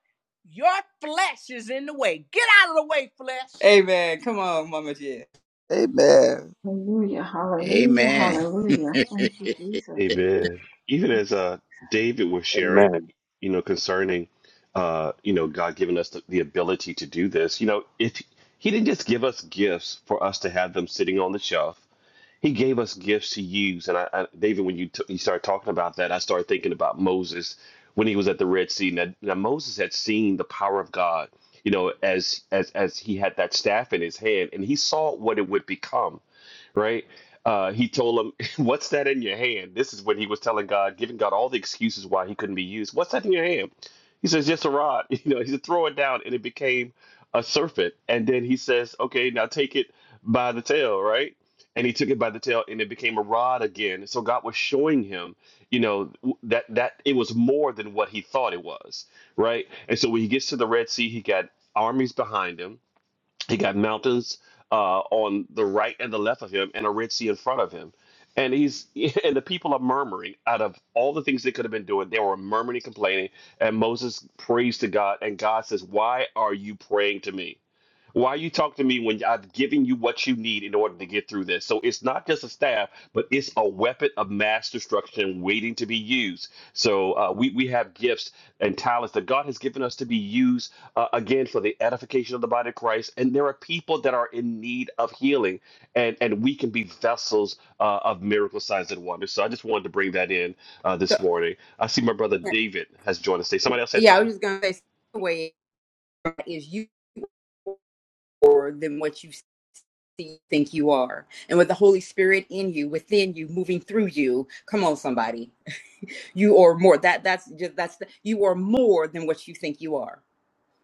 Your flesh is in the way. Get out of the way, flesh. Amen. Come on, Mama J. Amen. Hallelujah. Hallelujah. Amen. Hallelujah. Thank you, Jesus. Amen. Even as uh, David was sharing, Amen. you know, concerning, uh, you know, God giving us the, the ability to do this. You know, if He didn't just give us gifts for us to have them sitting on the shelf, He gave us gifts to use. And I, I David, when you t- you started talking about that, I started thinking about Moses when he was at the Red Sea. Now, now Moses had seen the power of God. You know, as as as he had that staff in his hand, and he saw what it would become right? Uh, he told him, What's that in your hand? This is when he was telling God, giving God all the excuses why he couldn't be used. What's that in your hand? He says, "Just a rod. You know, he said, Throw it down, and it became a serpent. And then he says, Okay, now take it by the tail, right? And he took it by the tail, and it became a rod again. So God was showing him, you know, w- that that it was more than what he thought it was, right? And so when he gets to the Red Sea, he got armies behind him he got mountains uh, on the right and the left of him, and a Red Sea in front of him. And he's and the people are murmuring. Out of all the things they could have been doing, they were murmuring, complaining. And Moses prays to God, and God says, "Why are you praying to me?" Why you talk to me when I've given you what you need in order to get through this? So it's not just a staff, but it's a weapon of mass destruction waiting to be used. So uh, we we have gifts and talents that God has given us to be used uh, again for the edification of the body of Christ. And there are people that are in need of healing, and and we can be vessels uh, of miracle signs and wonders. So I just wanted to bring that in uh, this So morning. I see my brother David has joined us today. Somebody else say yeah, I something. was just going to say the way is you more than what you see think you are. And with the Holy Spirit in you, within you, moving through you, come on somebody you are more that that's just that's the, you are more than what you think you are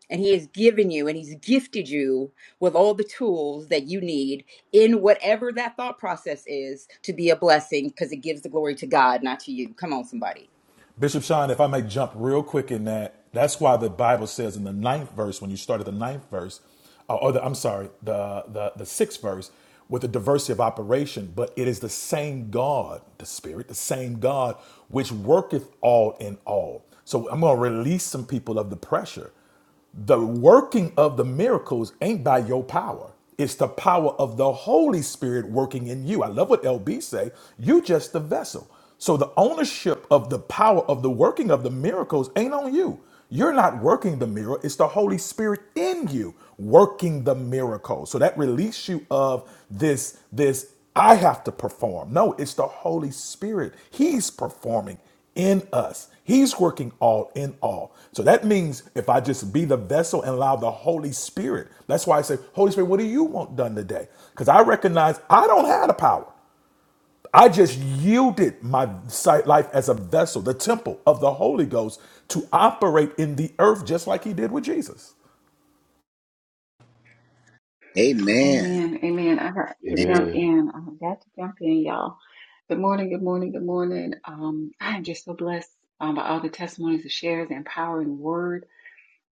and he has given you and he's gifted you with all the tools that you need in whatever that thought process is to be a blessing because it gives the glory to god not to you come on somebody Bishop Sean, if I may jump real quick in that, that's why the Bible says in the ninth verse, when you start at the ninth verse, uh, or the, I'm sorry, the, the, the sixth verse, with the diversity of operation, but it is the same God, the Spirit, the same God, which worketh all in all. So I'm going to release some people of the pressure the working of the miracles ain't by your power. It's the power of the Holy Spirit working in you. I love what LB say. You just the vessel. So the ownership of the power of the working of the miracles ain't on you. You're not working the miracle. It's the Holy Spirit in you working the miracle. So that release you of this this I have to perform. No, it's the Holy Spirit. He's performing in us. He's working all in all. So that means if I just be the vessel and allow the Holy Spirit, that's why I say, Holy Spirit, what do you want done today? Because I recognize I don't have the power. I just yielded my sight life as a vessel, the temple of the Holy Ghost, to operate in the earth just like he did with Jesus. Amen. Amen. Amen. I got to jump Amen. in. I got to jump in, y'all. Good morning. Good morning. Good morning. Um, I am just so blessed um, by all the testimonies and shares, the empowering word.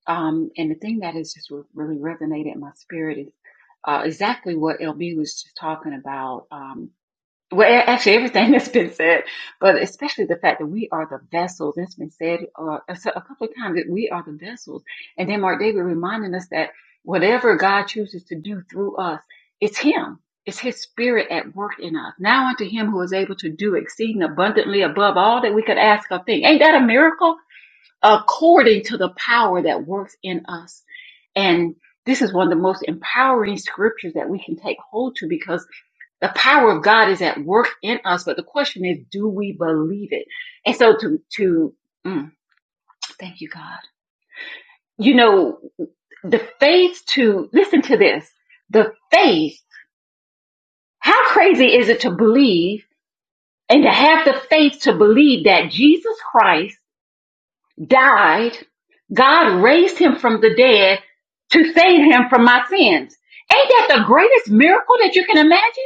Um, and the thing that has just really resonated in my spirit is uh, exactly what LB was just talking about. Um, well, actually, everything that's been said, but especially the fact that we are the vessels. that has been said uh, a s- a couple of times that we are the vessels. And then Mark David reminding us that whatever God chooses to do through us, it's Him. It's His Spirit at work in us. Now unto Him who is able to do exceeding abundantly above all that we could ask or think. Ain't that a miracle? According to the power that works in us. And this is one of the most empowering scriptures that we can take hold to because the power of God is at work in us, but the question is, do we believe it? And so to, to, mm, thank you, God. You know, the faith to, listen to this, the faith, how crazy is it to believe and to have the faith to believe that Jesus Christ died, God raised him from the dead to save him from my sins? Ain't that the greatest miracle that you can imagine?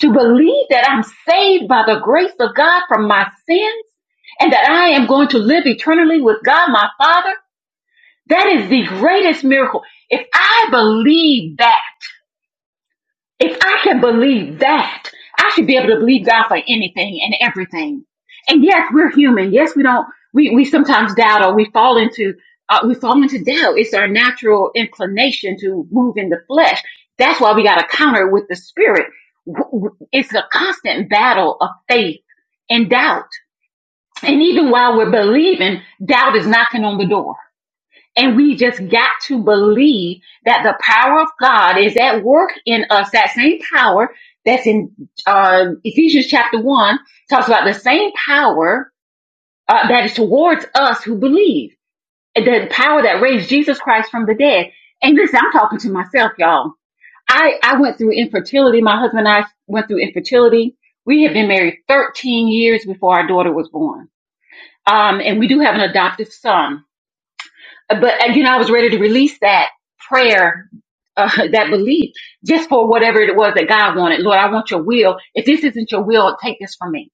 to believe that I'm saved by the grace of God from my sins and that I am going to live eternally with God my Father, that is the greatest miracle. If I believe that, if I can believe that, I should be able to believe God for anything and everything. And yes, we're human. Yes, we don't. We we sometimes doubt or we fall into uh, we fall into doubt. It's our natural inclination to move in the flesh. That's why we got to counter with the spirit. W- w- It's a constant battle of faith and doubt. And even while we're believing, doubt is knocking on the door. And we just got to believe that the power of God is at work in us. That same power that's in uh, Ephesians chapter one talks about the same power uh, that is towards us who believe. The power that raised Jesus Christ from the dead. And listen, I'm talking to myself, y'all. I, I went through infertility. My husband and I went through infertility. We had been married 13 years before our daughter was born. Um, and we do have an adoptive son but and, you know, I was ready to release that prayer, uh, that belief, just for whatever it was that God wanted. Lord, I want your will. If this isn't your will, take this from me.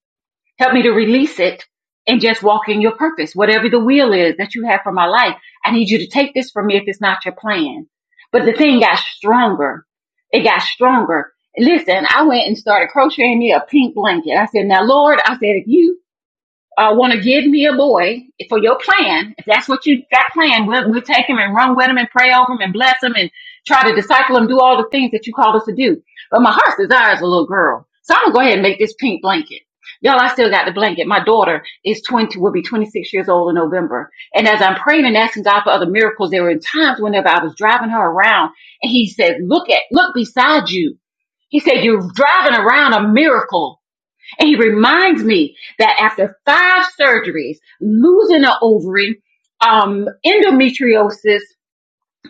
Help me to release it and just walk in your purpose. Whatever the will is that you have for my life, I need you to take this from me if it's not your plan. But the thing got stronger. It got stronger. Listen, I went and started crocheting me a pink blanket. I said, now Lord, I said, if you uh, want to give me a boy for your plan, if that's what you got planned, we'll, we'll take him and run with him and pray over him and bless him and try to disciple him, do all the things that you called us to do. But my heart's desire is a little girl. So I'm going to go ahead and make this pink blanket. Y'all, I still got the blanket. My daughter is 20, will be 26 years old in November. And as I'm praying and asking God for other miracles, there were times whenever I was driving her around and he said, look at, look beside you. He said, you're driving around a miracle. And he reminds me that after five surgeries, losing an ovary, um, endometriosis,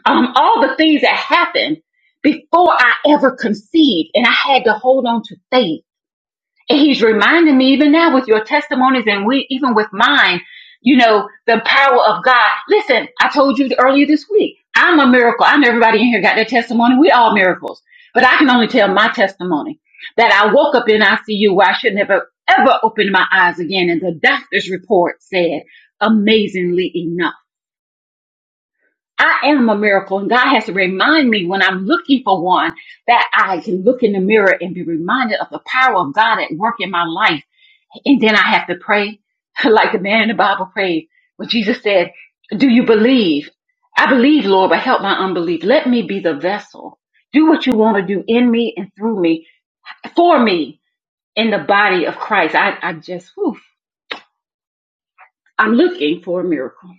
um, all the things that happened before I ever conceived, and I had to hold on to faith and he's reminding me even now with your testimonies and we even with mine, you know, the power of God. Listen, I told you earlier this week, I'm a miracle. I know everybody in here got their testimony. We all miracles. But I can only tell my testimony that I woke up in ICU where I should never ever open my eyes again. And the doctor's report said, amazingly enough. I am a miracle and God has to remind me when I'm looking for one that I can look in the mirror and be reminded of the power of God at work in my life and then I have to pray like the man in the Bible prayed when Jesus said, Do you believe? I believe, Lord, but help my unbelief. Let me be the vessel. Do what you want to do in me and through me, for me, in the body of Christ. I, I just, whew, I'm looking for a miracle.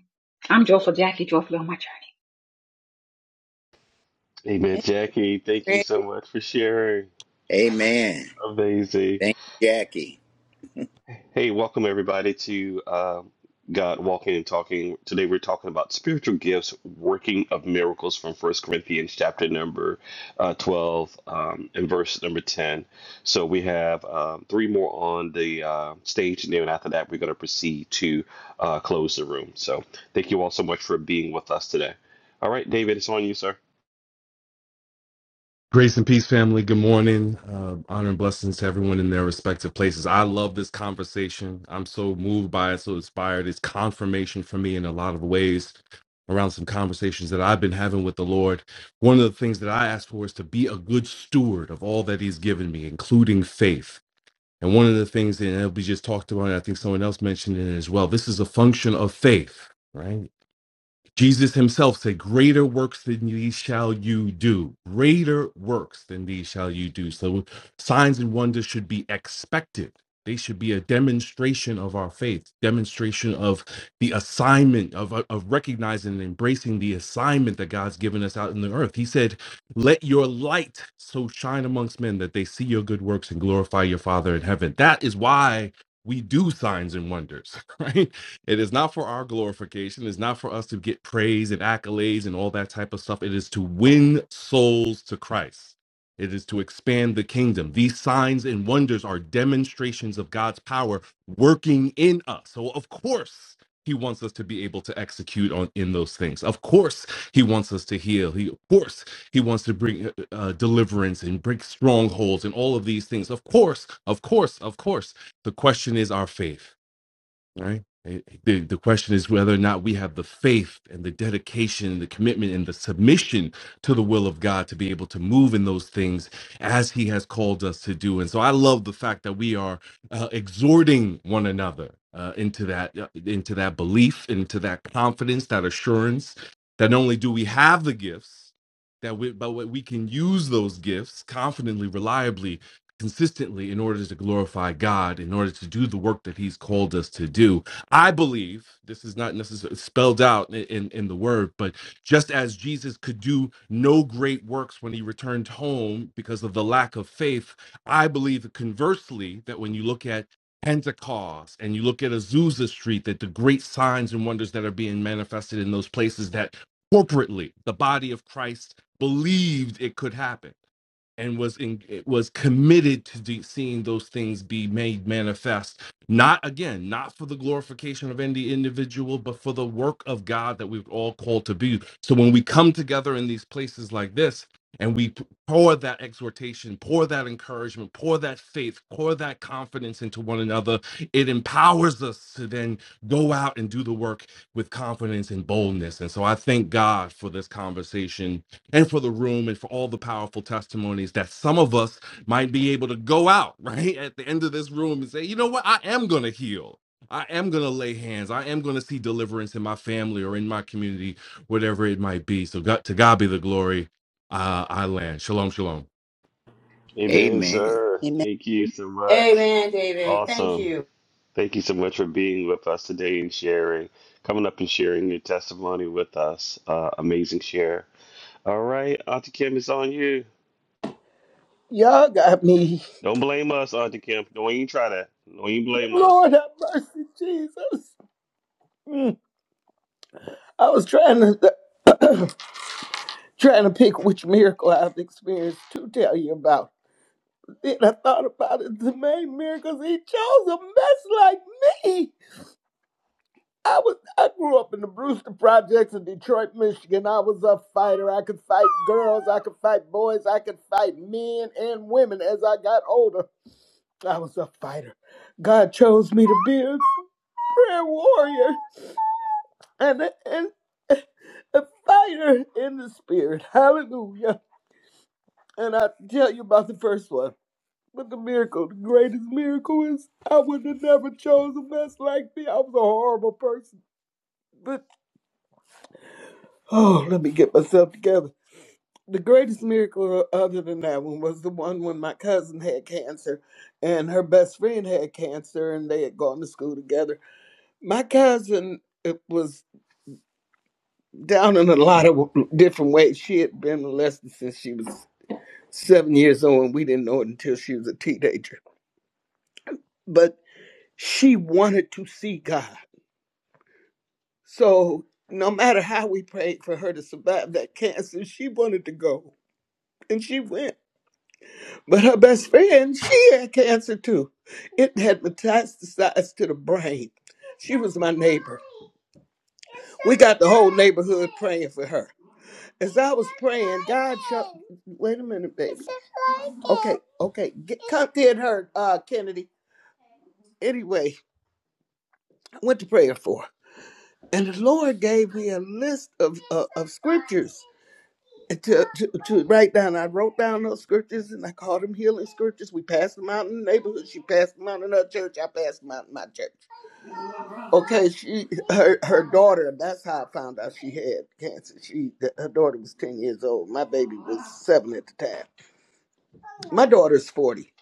I'm joyful, Jackie, joyfully on my journey. Amen, Jackie. Thank you Amen. so much for sharing. Amen. Amazing. Thank you, Jackie. Hey, welcome everybody to uh, God Walking and Talking. Today we're talking about spiritual gifts, working of miracles from First Corinthians chapter number uh, 12 um, and verse number 10. So we have um, three more on the uh, stage, and then after that we're going to proceed to uh, close the room. So thank you all so much for being with us today. All right, David, it's on you, sir. Grace and peace, family. Good morning. Uh, honor and blessings to everyone in their respective places. I love this conversation. I'm so moved by it, so inspired. It's confirmation for me in a lot of ways around some conversations that I've been having with the Lord. One of the things that I ask for is to be a good steward of all that He's given me, including faith. And one of the things that we just talked about, and I think someone else mentioned it as well, this is a function of faith, right? Jesus himself said, Greater works than these shall you do. Greater works than these shall you do. So signs and wonders should be expected. They should be a demonstration of our faith, demonstration of the assignment, of, uh, of recognizing and embracing the assignment that God's given us out in the earth. He said, Let your light so shine amongst men that they see your good works and glorify your Father in heaven. That is why we do signs and wonders, right? It is not for our glorification. It's not for us to get praise and accolades and all that type of stuff. It is to win souls to Christ. It is to expand the kingdom. These signs and wonders are demonstrations of God's power working in us. So, of course, he wants us to be able to execute on in those things. Of course, he wants us to heal. He, of course, he wants to bring uh, uh, deliverance and break strongholds and all of these things. Of course, of course, of course. The question is our faith right? It- The, the question is whether or not we have the faith and the dedication and the commitment and the submission to the will of God to be able to move in those things as He has called us to do. And so I love the fact that we are uh, exhorting one another uh, into that uh, into that belief, into that confidence, that assurance that not only do we have the gifts that we but we we can use those gifts confidently, reliably consistently in order to glorify God, in order to do the work that He's called us to do. I believe this is not necessarily spelled out in, in, in the word, but just as Jesus could do no great works when he returned home because of the lack of faith, I believe conversely that when you look at Pentecost and you look at Azusa Street, that the great signs and wonders that are being manifested in those places that corporately the body of Christ believed it could happen and was in, was committed to de- seeing those things be made manifest not again not for the glorification of any individual but for the work of god that we've all called to be so when we come together in these places like this and we pour that exhortation pour that encouragement pour that faith pour that confidence into one another it empowers us to then go out and do the work with confidence and boldness and so i thank god for this conversation and for the room and for all the powerful testimonies that some of us might be able to go out right at the end of this room and say, you know what, I am going to heal. I am going to lay hands. I am going to see deliverance in my family or in my community, whatever it might be. So God, to God be the glory. Uh, I land. Shalom, shalom. Amen, Amen. sir. Amen. Thank you so much. amen david thank Awesome. you Thank you so much for being with us today and sharing, coming up and sharing your testimony with us. Uh, amazing share. All right, Auntie Kim, it's on you. Y'all got me. Don't blame us, Auntie Kim. Don't even try that. Don't even blame us. Lord have mercy, Jesus. Mm. I was trying to trying to pick which miracle I've experienced to tell you about. Then I thought about it. The main miracles he chose a mess like me. I was I grew up in the Brewster Projects in Detroit, Michigan. I was a fighter. I could fight girls, I could fight boys, I could fight men and women as I got older. I was a fighter. God chose me to be a prayer warrior. and, and a fire in the spirit. Hallelujah. And I tell you about the first one. But the miracle, the greatest miracle is I would have never chose a mess like me. I was a horrible person. But oh, let me get myself together. The greatest miracle other than that one was the one when my cousin had cancer and her best friend had cancer and they had gone to school together. My cousin it was down in a lot of different ways. She had been molested since she was seven years old, and we didn't know it until she was a teenager. But she wanted to see God. So no matter how we prayed for her to survive that cancer, she wanted to go. And she went. But her best friend, she had cancer too. It had metastasized to the brain. She was my neighbor. We got the whole neighborhood praying for her. As I was praying, God shut. Wait a minute, baby. Okay, okay. Get, come get her, uh, Kennedy. Anyway, I went to prayer for her. And the Lord gave me a list of, of, of scriptures to, to, to write down. I wrote down those scriptures and I called them healing scriptures. We passed them out in the neighborhood. She passed them out in her church. I passed them out in my church. Okay, she her her daughter. That's how I found out she had cancer. She her daughter was ten years old. My baby was seven at the time. My daughter's forty.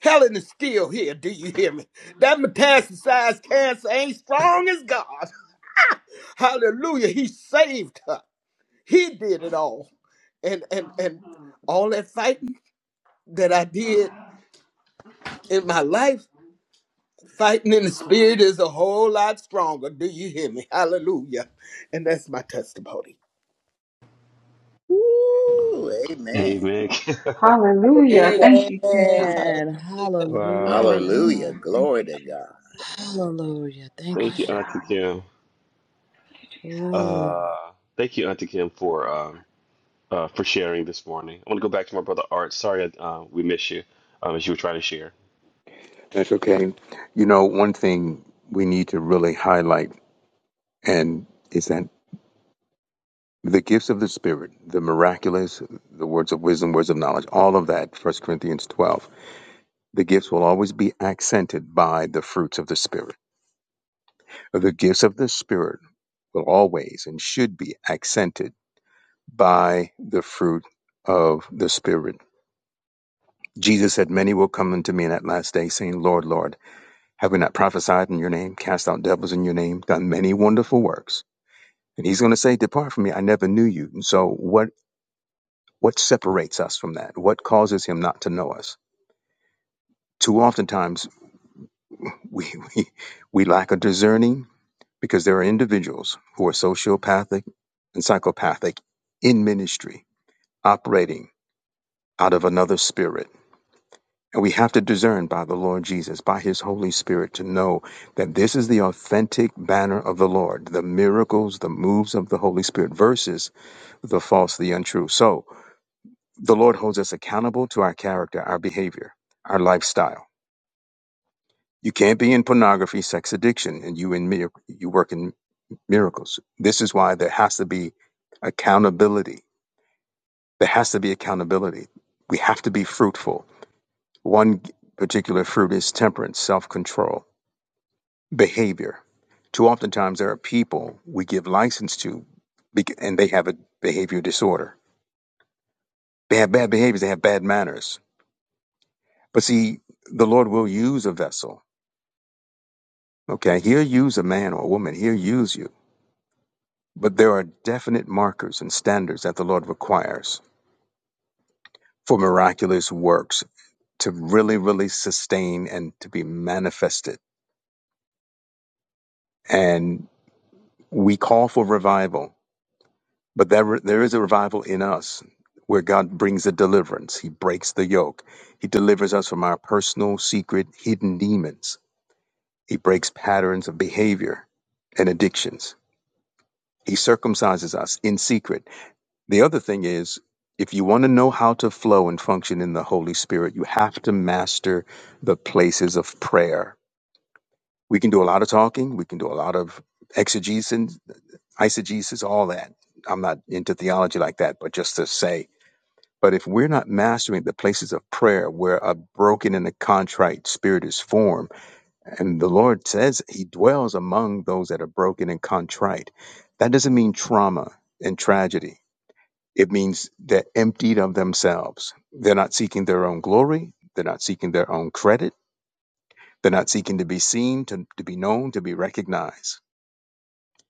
Helen is still here. Do you hear me? That metastasized cancer ain't strong as God. Hallelujah. He saved her. He did it all. And and and all that fighting that I did in my life, fighting in the spirit is a whole lot stronger. Do you hear me? Hallelujah. And that's my testimony. Woo! Amen. Amen. Hallelujah. Amen. Hallelujah. Thank you, Jesus. Jesus. Hallelujah. wow. Hallelujah. Hallelujah. Hallelujah. Thank Glory you, to Jesus. God. Hallelujah. Thank you, Thank Glory you, to Jesus. Auntie God. Kim. Thank you, Jesus. Ooh. Uh, thank you, Auntie Kim, for um, uh, for sharing this morning. I want to go back to my brother Art. Sorry, uh, we miss you um, as you were trying to share. That's okay. You know, one thing we need to really highlight and is that. the gifts of the spirit the miraculous the words of wisdom words of knowledge all of that First corinthians 12 the gifts will always be accented by the fruits of the spirit the gifts of the spirit will always and should be accented by the fruit of the spirit jesus said many will come unto me in that last day saying lord lord have we not prophesied in your name cast out devils in your name done many wonderful works and he's going to say depart from me i never knew you and so what What separates us from that? What causes him not to know us? Too oftentimes we, we, we lack a discerning because there are individuals who are sociopathic and psychopathic in ministry, operating out of another spirit. And we have to discern by the Lord Jesus, by his Holy Spirit, to know that this is the authentic banner of the Lord, the miracles, the moves of the Holy Spirit versus the false, the untrue. So the Lord holds us accountable to our character, our behavior, our lifestyle You can't be in pornography, sex addiction, and you in mir- you work in miracles. This is why there has to be accountability. There has to be accountability. We have to be fruitful. One particular fruit is temperance, self-control, behavior. Too oftentimes there are people we give license to, bec- and they have a behavior disorder. They have bad behaviors. They have bad manners. But see, the Lord will use a vessel. Okay, He'll use a man or a woman. He'll use you But there are definite markers and standards that the Lord requires for miraculous works to really, really sustain and to be manifested. And we call for revival, but there, there is a revival in us where God brings a deliverance. He breaks the yoke. He delivers us from our personal, secret, hidden demons. He breaks patterns of behavior and addictions. He circumcises us in secret The other thing is, if you want to know how to flow and function in the Holy Spirit, you have to master the places of prayer. We can do a lot of talking, we can do a lot of exegesis, eisegesis, all that. I'm not into theology like that, but just to say, but if we're not mastering the places of prayer where a broken and a contrite spirit is formed, and the Lord says he dwells among those that are broken and contrite, that doesn't mean trauma and tragedy it means they're emptied of themselves. They're not seeking their own glory. They're not seeking their own credit. They're not seeking to be seen, to, to be known, to be recognized.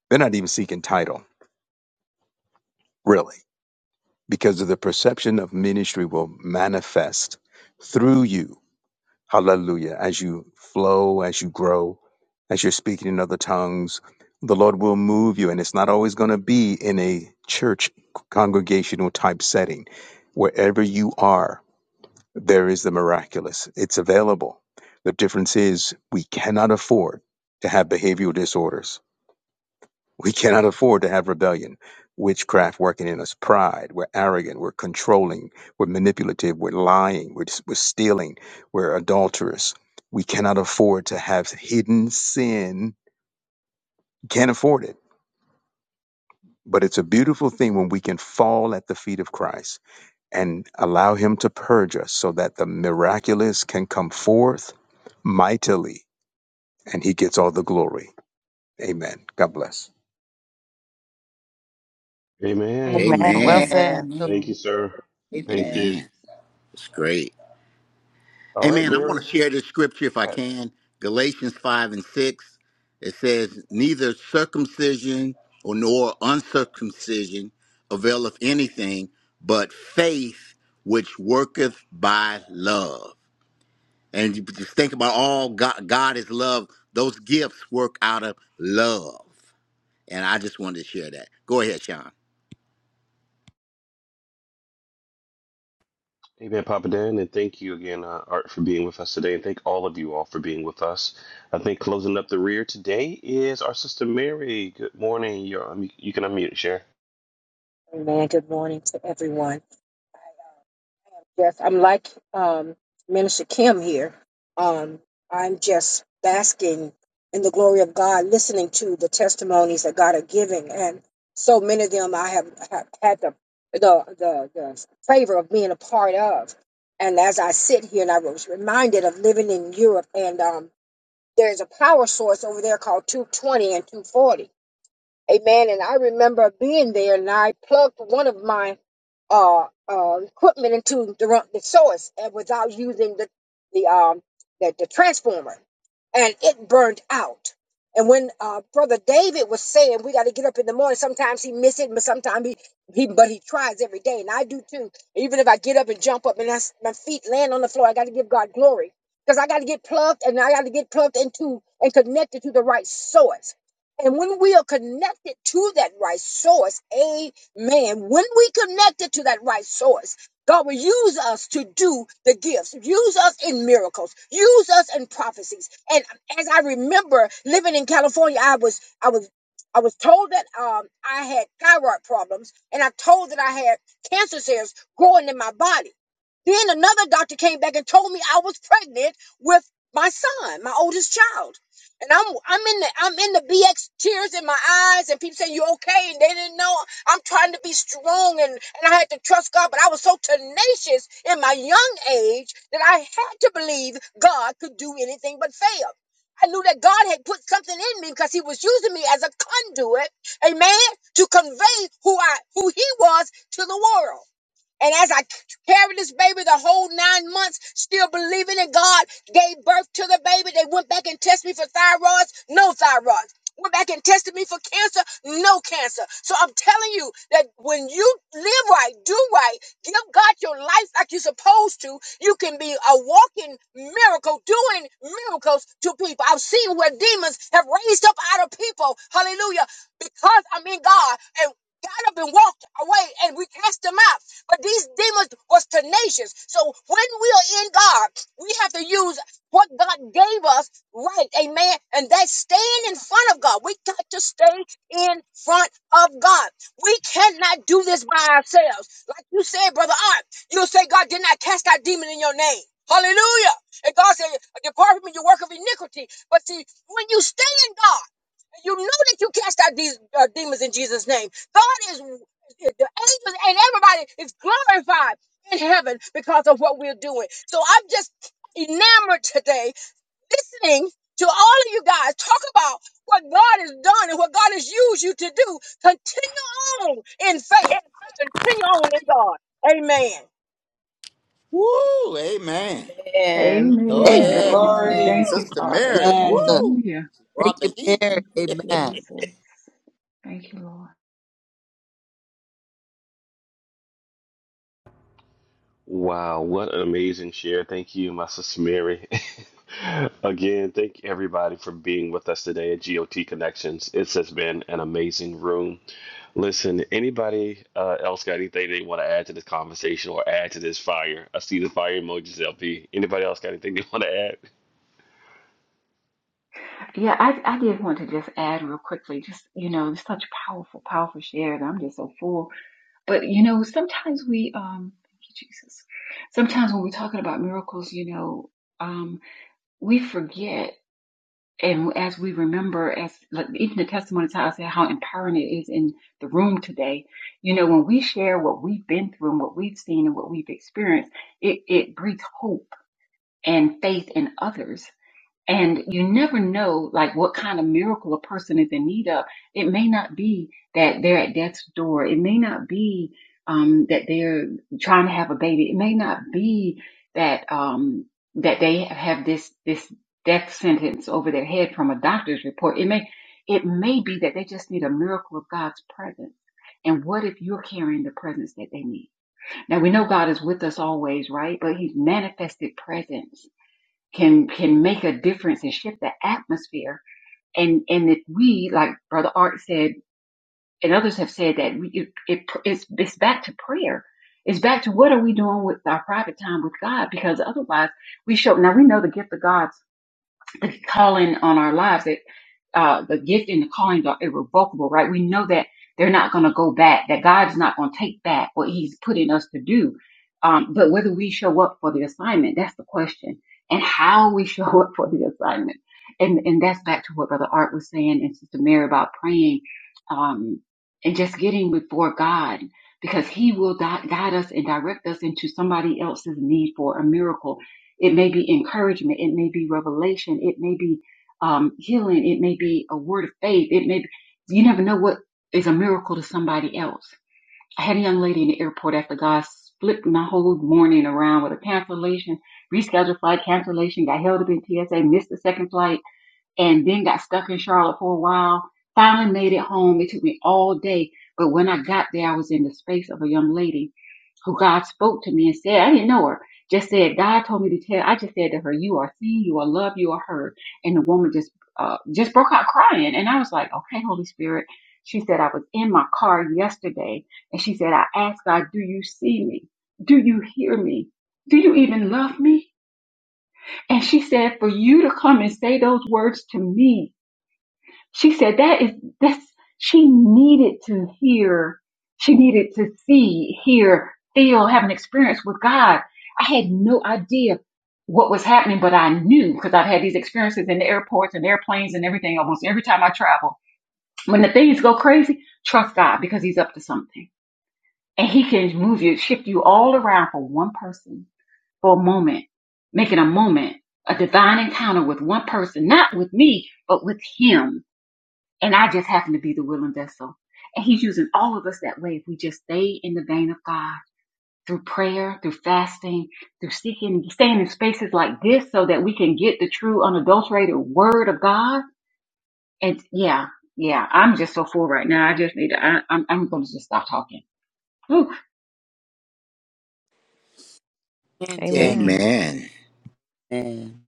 They're not even seeking title, really, because of the perception of ministry will manifest through you. Hallelujah. As you flow, as you grow, as you're speaking in other tongues, the Lord will move you. And it's not always going to be in a church congregational type setting. Wherever you are, There is the miraculous. It's available. The difference is we cannot afford to have behavioral disorders. We cannot afford to have rebellion, witchcraft working in us, pride. We're arrogant. We're controlling. We're manipulative. We're lying. We're, we're stealing. We're adulterous. We cannot afford to have hidden sin. Can't afford it. But it's a beautiful thing when we can fall at the feet of Christ and allow him to purge us so that the miraculous can come forth mightily and he gets all the glory. Amen. God bless. Amen. Amen. Amen. Amen. So, Thank you, Amen. sir. Thank you, Jesus. Thank amen. you. Amen. It's great. All right, Amen. I want Mary. to share this scripture if I can. Galatians 5 and 6. It says, Neither circumcision or nor uncircumcision availeth anything, but faith which worketh by love. And you just think about all God, God is love. Those gifts work out of love. And I just wanted to share that. Go ahead, Sean. Amen, Papa Dan, and thank you again, uh, Art, for being with us today, and thank all of you all for being with us. I think closing up the rear today is our sister Mary. Good morning. You're, um, you can unmute, share. Amen. Good morning to everyone. I, uh, Yes, I'm like um, Minister Kim here. Um, I'm just basking in the glory of God, listening to the testimonies that God are giving, and so many of them I have, have had the, the the the favor of being a part of. And as I sit here, and I was reminded of living in Europe, and um, there's a power source over there called 220 and 240 Amen. And I remember being there and I plugged one of my uh, uh, equipment into the, run- the source and without using the, the, um, the, the transformer and it burned out. And when uh, Brother David was saying we got to get up in the morning, sometimes he miss it, but sometimes he, he but he tries every day, and I do too. Even if I get up and jump up and I s my feet land on the floor, I got to give God glory because I got to get plugged and I got to get plugged into and connected to the right source. And when we are connected to that right source, amen. When we connected to that right source, God will use us to do the gifts, use us in miracles, use us in prophecies. And as I remember living in California, I was, I was, I was told that um, I had thyroid problems, and I told that I had cancer cells growing in my body. Then another doctor came back and told me I was pregnant with my son, my oldest child. And I'm I'm in the I'm in the BX tears in my eyes and people saying you okay and they didn't know I'm trying to be strong and, and I had to trust God, but I was so tenacious in my young age that I had to believe God could do anything but fail. I knew that God had put something in me because he was using me as a conduit, amen, to convey who I who he was to the world. And as I carried this baby the whole nine months, still believing in God, gave birth to the baby. They went back and tested me for thyroids, no thyroids. Went back and tested me for cancer, no cancer. So I'm telling you that when you live right, do right, give God your life like you're supposed to, you can be a walking miracle, doing miracles to people. I've seen where demons have raised up out of people. Hallelujah because I'm in God. and. God up and walked away and we cast them out. But these demons was tenacious. So when we are in God, we have to use what God gave us right, amen. And that's staying in front of God. We got to stay in front of God. We cannot do this by ourselves. Like you said, Brother Art, you'll say, God did not cast out demon in your name. Hallelujah. And God said, Depart from me, you work of iniquity. But see, when you stay in God, you know that you cast out these uh, demons in Jesus' name. God is the angels and everybody is glorified in heaven because of what we're doing. So I'm just enamored today, listening to all of you guys talk about what God has done and what God has used you to do. Continue on in faith and continue on in God. Amen. Woo, amen. Amen. Go Amen. Amen. ahead, Amen. Amen. glory Thank you, Sister Father. Mary. Good. Woo, Hallelujah. Thank brought you, the heat. Mary. Thank you, Amen. Jesus. Thank you, Lord. Wow, what an amazing share. Thank you, my sister Mary. again, thank everybody for being with us today at GOT Connections. It has been an amazing room. Listen, anybody uh, else got anything they want to add to this conversation or add to this fire? I see the fire emojis, LP. Anybody else got anything they want to add? Yeah, I, I did want to just add real quickly, just, you know, it's such powerful, powerful shares. I'm just so full. But, you know, sometimes we, um, thank you, Jesus. Sometimes when we're talking about miracles, you know, um, we forget. And as we remember, as like, even the testimony tells us how empowering it is in the room today, you know, when we share what we've been through and what we've seen and what we've experienced, it, it breeds hope and faith in others and you never know, like, what kind of miracle a person is in need of. It may not be that they're at death's door. It may not be um, that they're trying to have a baby. It may not be that um, that they have this this death sentence over their head from a doctor's report. It may it may be that they just need a miracle of God's presence. And what if you're carrying the presence that they need? Now we know God is with us always, right? But He's manifested presence can can make a difference and shift the atmosphere. And and if we, like Brother Art said, and others have said that we, it, it it's it's back to prayer. It's back to what are we doing with our private time with God? Because otherwise, we show. Now we know the gift of God the calling on our lives that uh, the gift and the calling are irrevocable, right? We know that they're not going to go back, that God's not going to take back what He's putting us to do. Um, but whether we show up for the assignment, that's the question. And how we show up for the assignment. And, and that's back to what Brother Art was saying and Sister Mary about praying, um, and just getting before God because He will di- guide us and direct us into somebody else's need for a miracle it may be encouragement. It may be revelation. It may be um, healing. It may be a word of faith. It may be, you never know what is a miracle to somebody else. I had a young lady in the airport after God flipped my whole morning around with a cancellation, rescheduled flight cancellation, got held up in TSA, missed the second flight and then got stuck in Charlotte for a while. Finally made it home. It took me all day. But when I got there, I was in the space of a young lady who God spoke to me and said, I didn't know her, just said, God told me to tell, I just said to her, you are seen, you are loved, you are heard. And the woman just, uh, just broke out crying. And I was like, okay, Holy Spirit. She said, I was in my car yesterday and she said, I asked God, do you see me? Do you hear me? Do you even love me? And she said, for you to come and say those words to me she said that is that's she needed to hear, she needed to see, hear, feel, have an experience with God. I had no idea what was happening, but I knew because I've had these experiences in the airports and airplanes and everything almost every time I travel. When the things go crazy, trust God because He's up to something. And He can move you, shift you all around for one person, for a moment, making a moment, a divine encounter with one person, not with me, but with Him and I just happen to be the willing vessel. And he's using all of us that way if we just stay in the vein of God through prayer, through fasting, through seeking, staying in spaces like this so that we can get the true unadulterated word of God. And yeah, yeah, I'm just so full right now. I just need to, I, I'm, I'm going to just stop talking. Whew. And Jackie. Amen. Amen.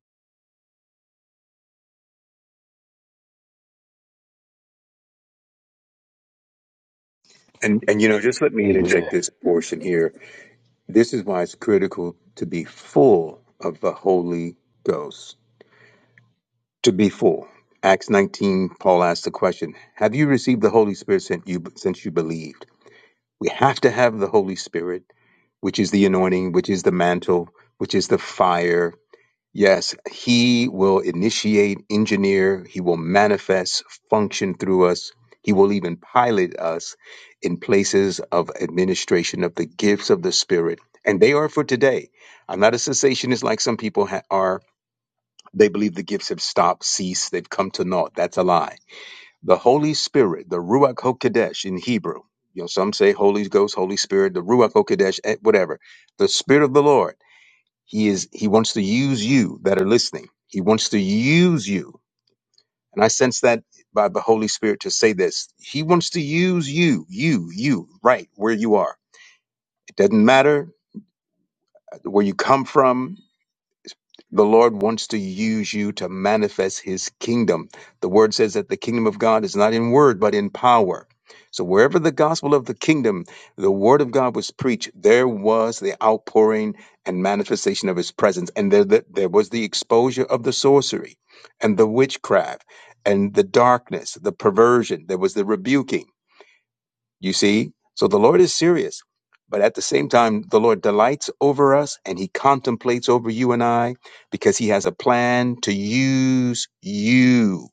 And and you know, just let me Amen. interject this portion here. This is why it's critical to be full of the Holy Ghost. To be full. Acts 19, Paul asked the question, Have you received the Holy Spirit since you since you believed? We have to have the Holy Spirit, which is the anointing, which is the mantle, which is the fire, Yes, he will initiate, engineer, he will manifest, function through us. He will even pilot us in places of administration of the gifts of the Spirit. And they are for today. I'm not a cessationist like some people ha- are. They believe the gifts have stopped, ceased, they've come to naught. That's a lie. The Holy Spirit, the Ruach HaKodesh in Hebrew, you know, some say Holy Ghost, Holy Spirit, the Ruach HaKodesh, eh, whatever. The Spirit of the Lord he is he wants to use you that are listening. He wants to use you. And I sense that by the Holy Spirit to say this. He wants to use you, you, you, right where you are. It doesn't matter where you come from. The Lord wants to use you to manifest his kingdom. The word says that the kingdom of God is not in word, but in power. So wherever the gospel of the kingdom, the word of God was preached, there was the outpouring and manifestation of his presence. And there, there there was the exposure of the sorcery and the witchcraft and the darkness, the perversion. There was the rebuking you see? So the Lord is serious. But at the same time, the Lord delights over us and he contemplates over you and I because he has a plan to use you.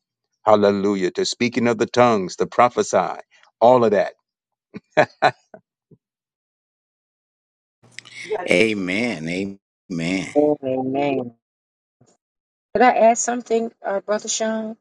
Hallelujah. To speak in other tongues, to prophesy, all of that. Amen. Amen. Did I add something, uh, Brother Sean?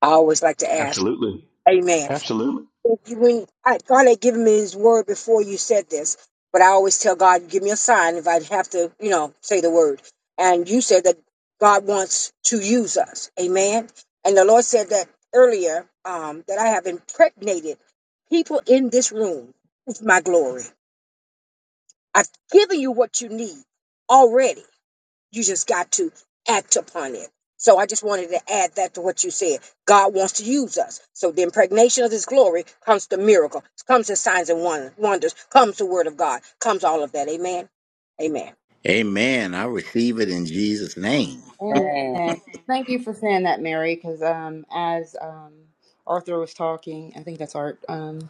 I always like to ask. Absolutely. Amen. Absolutely. you- when I, God had given me His word before you said this, but I always tell God, give me a sign if I have to, you know, say the word. And you said that God wants to use us, Amen. And the Lord said that earlier um, that I have impregnated people in this room with my glory. I've given you what you need already. You just got to act upon it. So I just wanted to add that to what you said. God wants to use us. So the impregnation of his glory comes to miracle, comes to signs and won- wonders, comes the word of God, comes all of that. Amen. Amen. Amen. I receive it in Jesus' name. amen Amen. Amen. thank you for saying that mary because um as um arthur was talking i think that's art Um,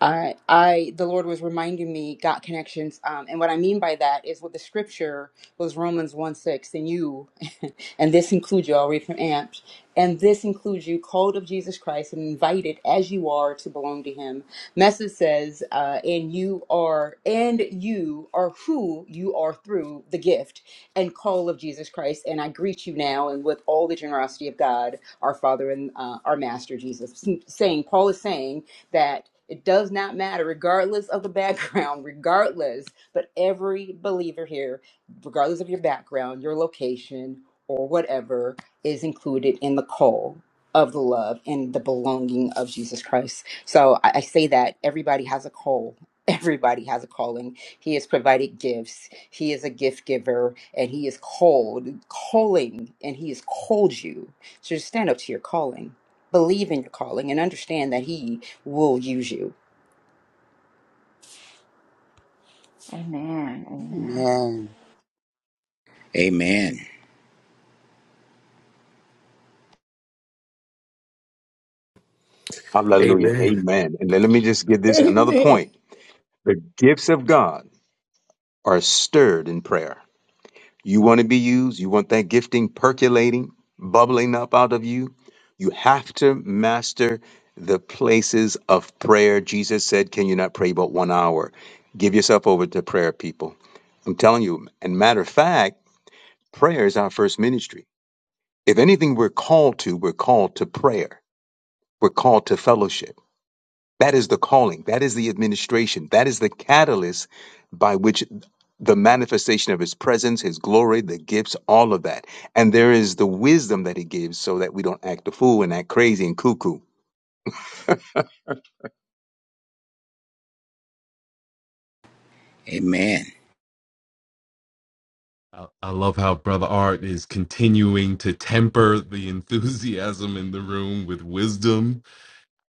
I, I, the Lord was reminding me got connections, um, and what I mean by that is what the scripture was Romans one six, and you, and this includes you. I'll read from Amps, and this includes you, called of Jesus Christ, and invited as you are to belong to Him. Message says, uh, and you are, and you are who you are through the gift and call of Jesus Christ, and I greet you now, and with all the generosity of God, our Father and uh, our Master Jesus. Saying Paul is saying that it does not matter, regardless of the background, regardless, but every believer here, regardless of your background, your location, or whatever, is included in the call of the love and the belonging of Jesus Christ. So I, I say that everybody has a call. Everybody has a calling. He has provided gifts. He is a gift giver and he is called, calling, and he has called you. So just stand up to your calling believe in your calling and understand that he will use you Amen. Amen. Amen. Amen. Hallelujah. Amen. And let me just give this another Amen. point. The gifts of God are stirred in prayer. You want to be used. You want that gifting percolating, bubbling up out of you. You have to master the places of prayer. Jesus said, Can you not pray but one hour? Give yourself over to prayer, people. I'm telling you. And matter of fact, prayer is our first ministry. If anything we're called to, we're called to prayer, we're called to fellowship. That is the calling. That is the administration. That is the catalyst by which the manifestation of his presence, his glory, the gifts, all of that. And there is the wisdom that he gives so that we don't act a fool and act crazy and cuckoo. Amen. I I love how Brother Art is continuing to temper the enthusiasm in the room with wisdom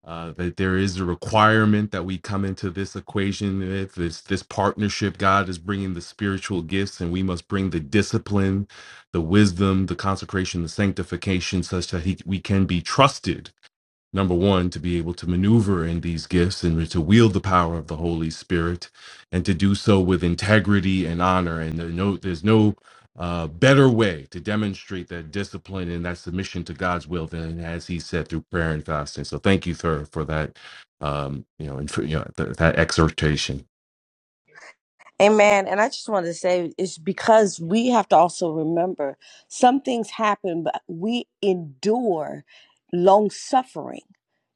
uh, that there is a requirement that we come into this equation with this this partnership. God is bringing the spiritual gifts, and we must bring the discipline, the wisdom, the consecration, the sanctification, such that he, we can be trusted number one, to be able to maneuver in these gifts and to wield the power of the Holy Spirit and to do so with integrity and honor. And there no, there's no uh, better way to demonstrate that discipline and that submission to God's will than as He said through prayer and fasting. So thank you, sir, for that, um, you know, and for, you know th- that exhortation. Amen. And I just wanted to say it's because we have to also remember some things happen, but we endure long suffering.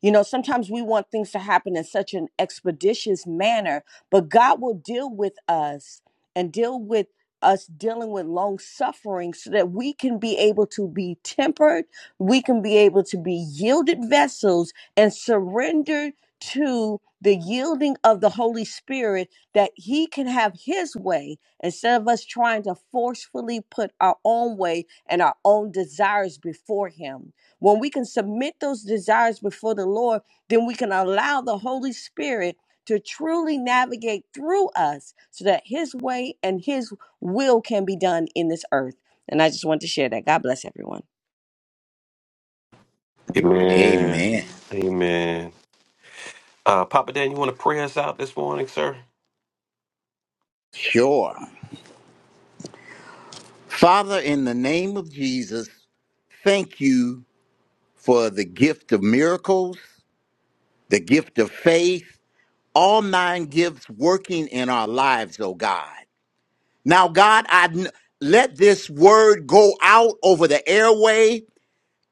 You know, sometimes we want things to happen in such an expeditious manner, but God will deal with us and deal with us dealing with long suffering so that we can be able to be tempered, we can be able to be yielded vessels and surrendered to the yielding of the Holy Spirit that he can have his way instead of us trying to forcefully put our own way and our own desires before him. When we can submit those desires before the Lord, then we can allow the Holy Spirit to truly navigate through us so that his way and his will can be done in this earth. And I just want to share that. God bless everyone. Amen. Amen. Amen. Uh, Papa Dan, you want to pray us out this morning, sir? Sure. Father, in the name of Jesus, thank you for the gift of miracles, the gift of faith, all nine gifts working in our lives, oh God. Now, God, I kn- let this word go out over the airway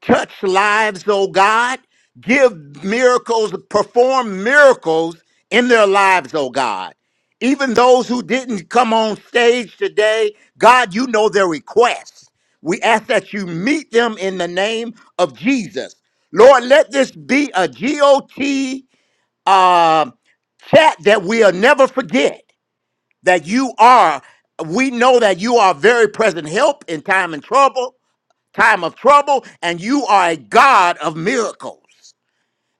touch lives, oh God. Give miracles, perform miracles in their lives, oh God. Even those who didn't come on stage today, God, you know their requests. We ask that you meet them in the name of Jesus. Lord, let this be a GOT uh, chat that we'll never forget that you are, we know that you are very present help in time and trouble time of trouble, and you are a God of miracles.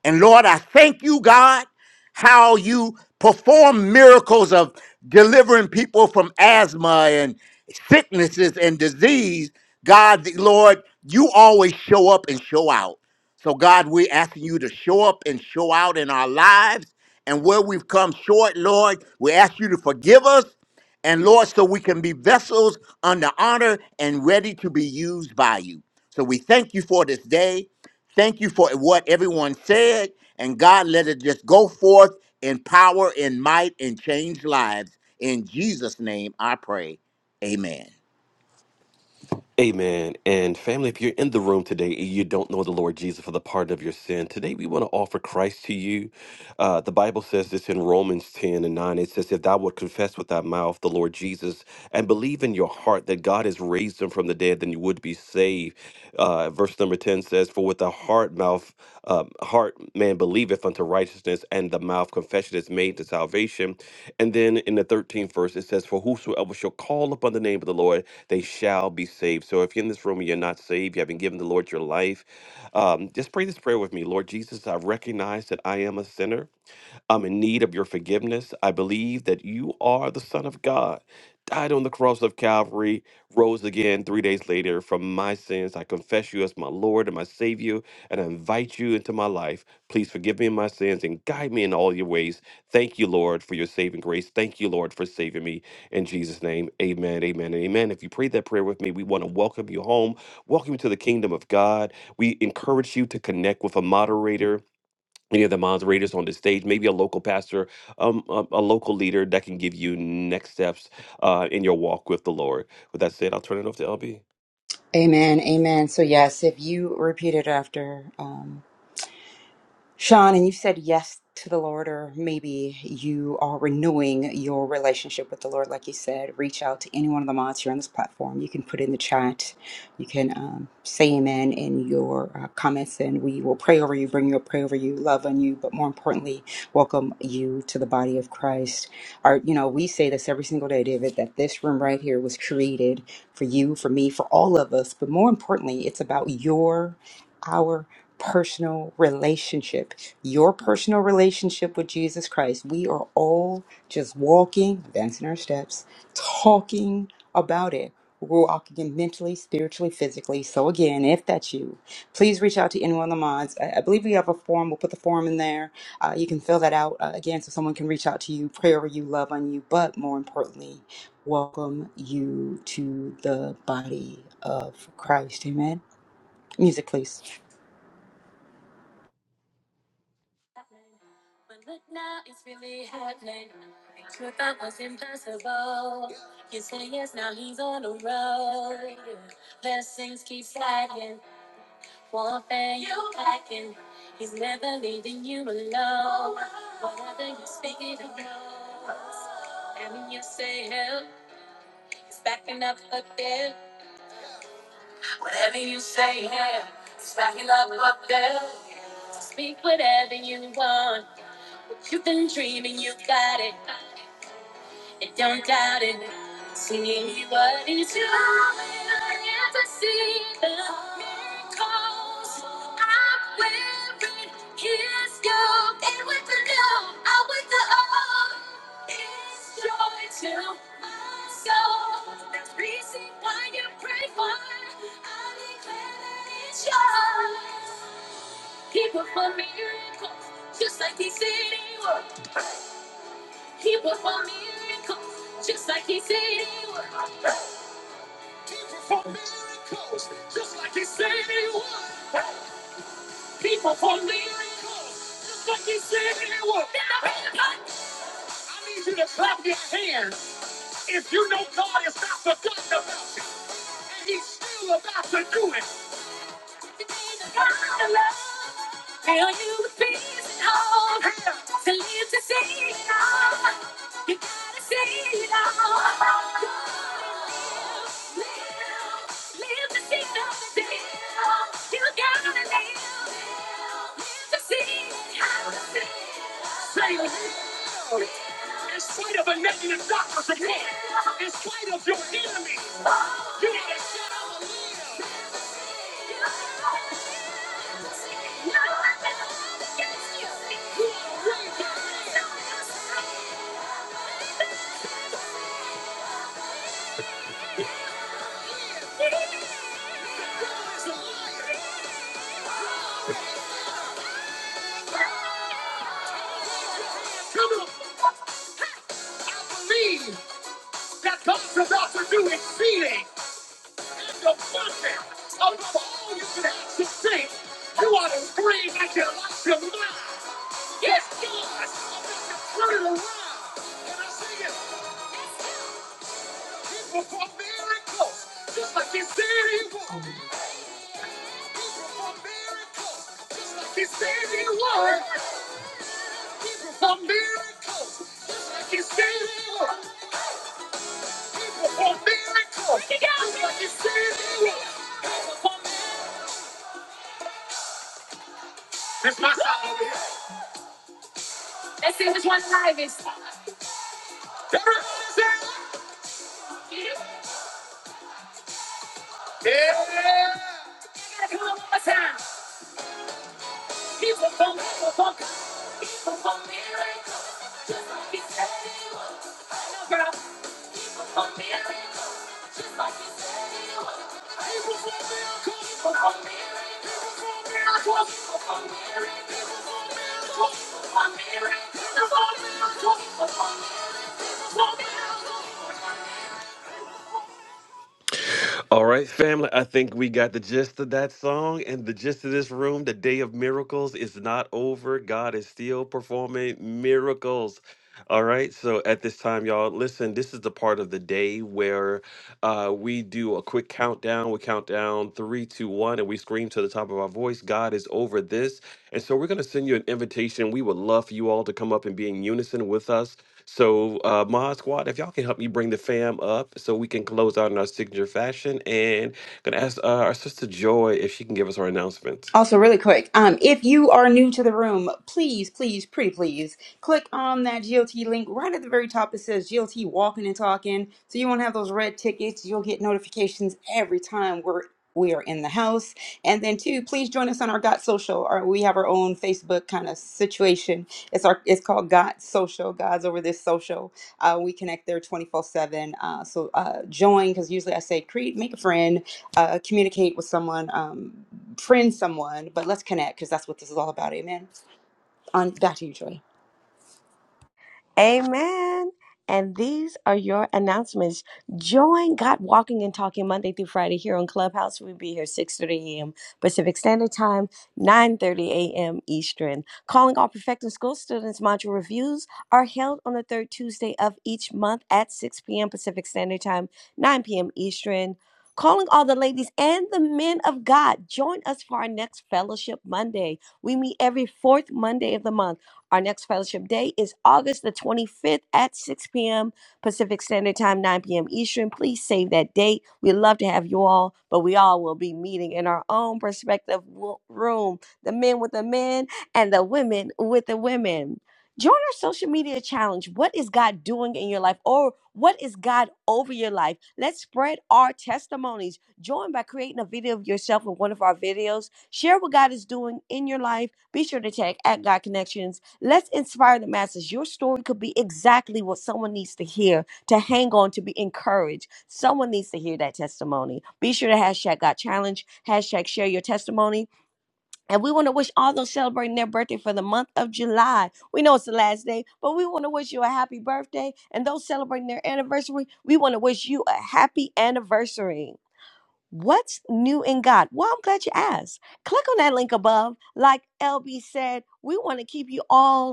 And Lord, I thank you, God, how you perform miracles of delivering people from asthma and sicknesses and disease. God, the- Lord, you always show up and show out. So, God, we're asking you to show up and show out in our lives and where we've come short, Lord. We ask you to forgive us, and Lord, so we can be vessels under honor and ready to be used by you. So we thank you for this day. Thank you for what everyone said. And God, let it just go forth in power, in might, and change lives. In Jesus' name I pray. Amen. Amen. And family, if you're in the room today and you don't know the Lord Jesus for the pardon of your sin, today we want to offer Christ to you. Uh, the Bible says this in Romans 10 and 9. It says, If thou wilt confess with thy mouth the Lord Jesus and believe in your heart that God has raised him from the dead, then you would be saved. Uh, verse number 10 says, For with the heart mouth, um, heart man believeth unto righteousness, and the mouth confession is made to salvation. And then in the 13th verse, it says, For whosoever shall call upon the name of the Lord, they shall be saved. So if you're in this room and you're not saved, you haven't given the Lord your life, um, just pray this prayer with me. Lord Jesus, I recognize that I am a sinner. I'm in need of your forgiveness. I believe that you are the Son of God, died on the cross of Calvary, rose again three days later from my sins. I confess you as my Lord and my Savior, and I invite you into my life. Please forgive me my sins and guide me in all your ways. Thank you, Lord, for your saving grace. Thank you, Lord, for saving me. In Jesus' name, amen, amen, and amen. If you prayed that prayer with me, we want to welcome you home, welcome you to the kingdom of God. We encourage you to connect with a moderator any of the moderators on the stage, maybe a local pastor, um, a, a local leader that can give you next steps uh, in your walk with the Lord. With that said, I'll turn it over to LB. amen amen so yes if you repeat it after um, Sean, and you said yes to the Lord, or maybe you are renewing your relationship with the Lord. Like you said, reach out to any one of the mods here on this platform. You can put in the chat, you can um, say amen in your uh, comments, and we will pray over you, bring your prayer over you, love on you, but more importantly, welcome you to the body of Christ. Our, you know, we say this every single day, David, that this room right here was created for you, for me, for all of us, but more importantly, it's about your. Our personal relationship, your personal relationship with Jesus Christ. We are all just walking, advancing our steps, talking about it. We're walking in mentally, spiritually, physically. So again, if that's you, please reach out to any one of the mods. I, I believe we have a form. We'll put the form in there. Uh, you can fill that out uh, again, so someone can reach out to you, pray over you, love on you, but more importantly, welcome you to the body of Christ. Amen. Music, please. It's backing up up there. Whatever you say, yeah. It's backing up up there. Speak whatever you want. What you've been dreaming, you got it. I don't doubt it. See what he's doing. I never see the miracles. I'm wearing his gold. And with the gold, I with the old. It's joy to my soul. That's reason why you pray for. I declare that it's yours. People for miracles, just like he said he would. He performed miracles just like he said he would. Perform miracles like he said he would. That means you to clap your hands if you know God is not forgotten about you. And he's still about to do it. Tell you the peace and hope to live to see it all. You gotta see it all. In spite of a negative doctor's opinion, in spite of your enemies, you gotta shout out the Lord is a liar. Come on. I believe that God's about to do exceeding and abundant above all you can ask to think. You ought to scream at your life, your mind. Yes, God! Turn it around and I see it. He performed miracles. Just like he said he would. Like he said he would. He performed miracles. Like he said he would. He performed miracles. Just like he said he would. He performed miracles. That's my song over here. Let's Everybody say it. Yeah. I gotta come on one more time. He performed miracles. He performed miracles. He said he would. No, girl. He Performed miracles. Like it's everywhere. People falling, falling, falling, falling, falling. People falling, falling, falling, falling, falling. People falling, falling, falling, falling, falling. All right, family. I think we got the gist of that song and the gist of this room. The day of miracles is not over. God is still performing miracles. All right. So at this time, y'all, listen, this is the part of the day where uh, we do a quick countdown. We count down three, two, one, and we scream to the top of our voice, God is over this. And so we're going to send you an invitation. We would love for you all to come up and be in unison with us. So, uh, Mod Squad, if y'all can help me bring the fam up so we can close out in our signature fashion, and gonna ask uh, our sister Joy if she can give us her announcements. Also, really quick, um, if you are new to the room, please, please, pretty please, click on that GLT link right at the very top. It says GLT Walking and Talking, so you won't have those red tickets. You'll get notifications every time we're we are in the house. And then two, please join us on our Got Social. Our, we have our own Facebook kind of situation. It's our it's called Got Social. God's over this social. Uh, we connect there twenty four seven. Uh, So uh, join because usually I say create, make a friend, uh, communicate with someone. Um, friend someone, but let's connect because that's what this is all about. Amen. On back to you, Joy. Amen. And these are your announcements. Join God Walking and Talking Monday through Friday here on Clubhouse. We'll be here 6.30 a.m. Pacific Standard Time, 9.30 a.m. Eastern. Calling all Perfecting School students module reviews are held on the third Tuesday of each month at 6 p.m. Pacific Standard Time, 9 p.m. Eastern. Calling all the ladies and the men of God, join us for our next Fellowship Monday. We meet every fourth Monday of the month. Our next fellowship day is August the 25th at 6 p.m. Pacific Standard Time, 9 p.m. Eastern. Please save that date. We'd love to have you all, but we all will be meeting in our own prospective room the men with the men and the women with the women. Join our social media challenge. What is God doing in your life, or what is God over your life? Let's spread our testimonies. Join by creating a video of yourself in one of our videos. Share what God is doing in your life. Be sure to tag at God Connections Let's inspire the masses. Your story could be exactly what someone needs to hear to hang on, to be encouraged. Someone needs to hear that testimony. Be sure to hashtag got challenge, hashtag share your testimony. And we want to wish all those celebrating their birthday for the month of July. We know it's the last day, but we want to wish you a happy birthday. And those celebrating their anniversary, we want to wish you a happy anniversary. What's new in God? Well, I'm glad you asked. Click on that link above. Like LB said, we want to keep you all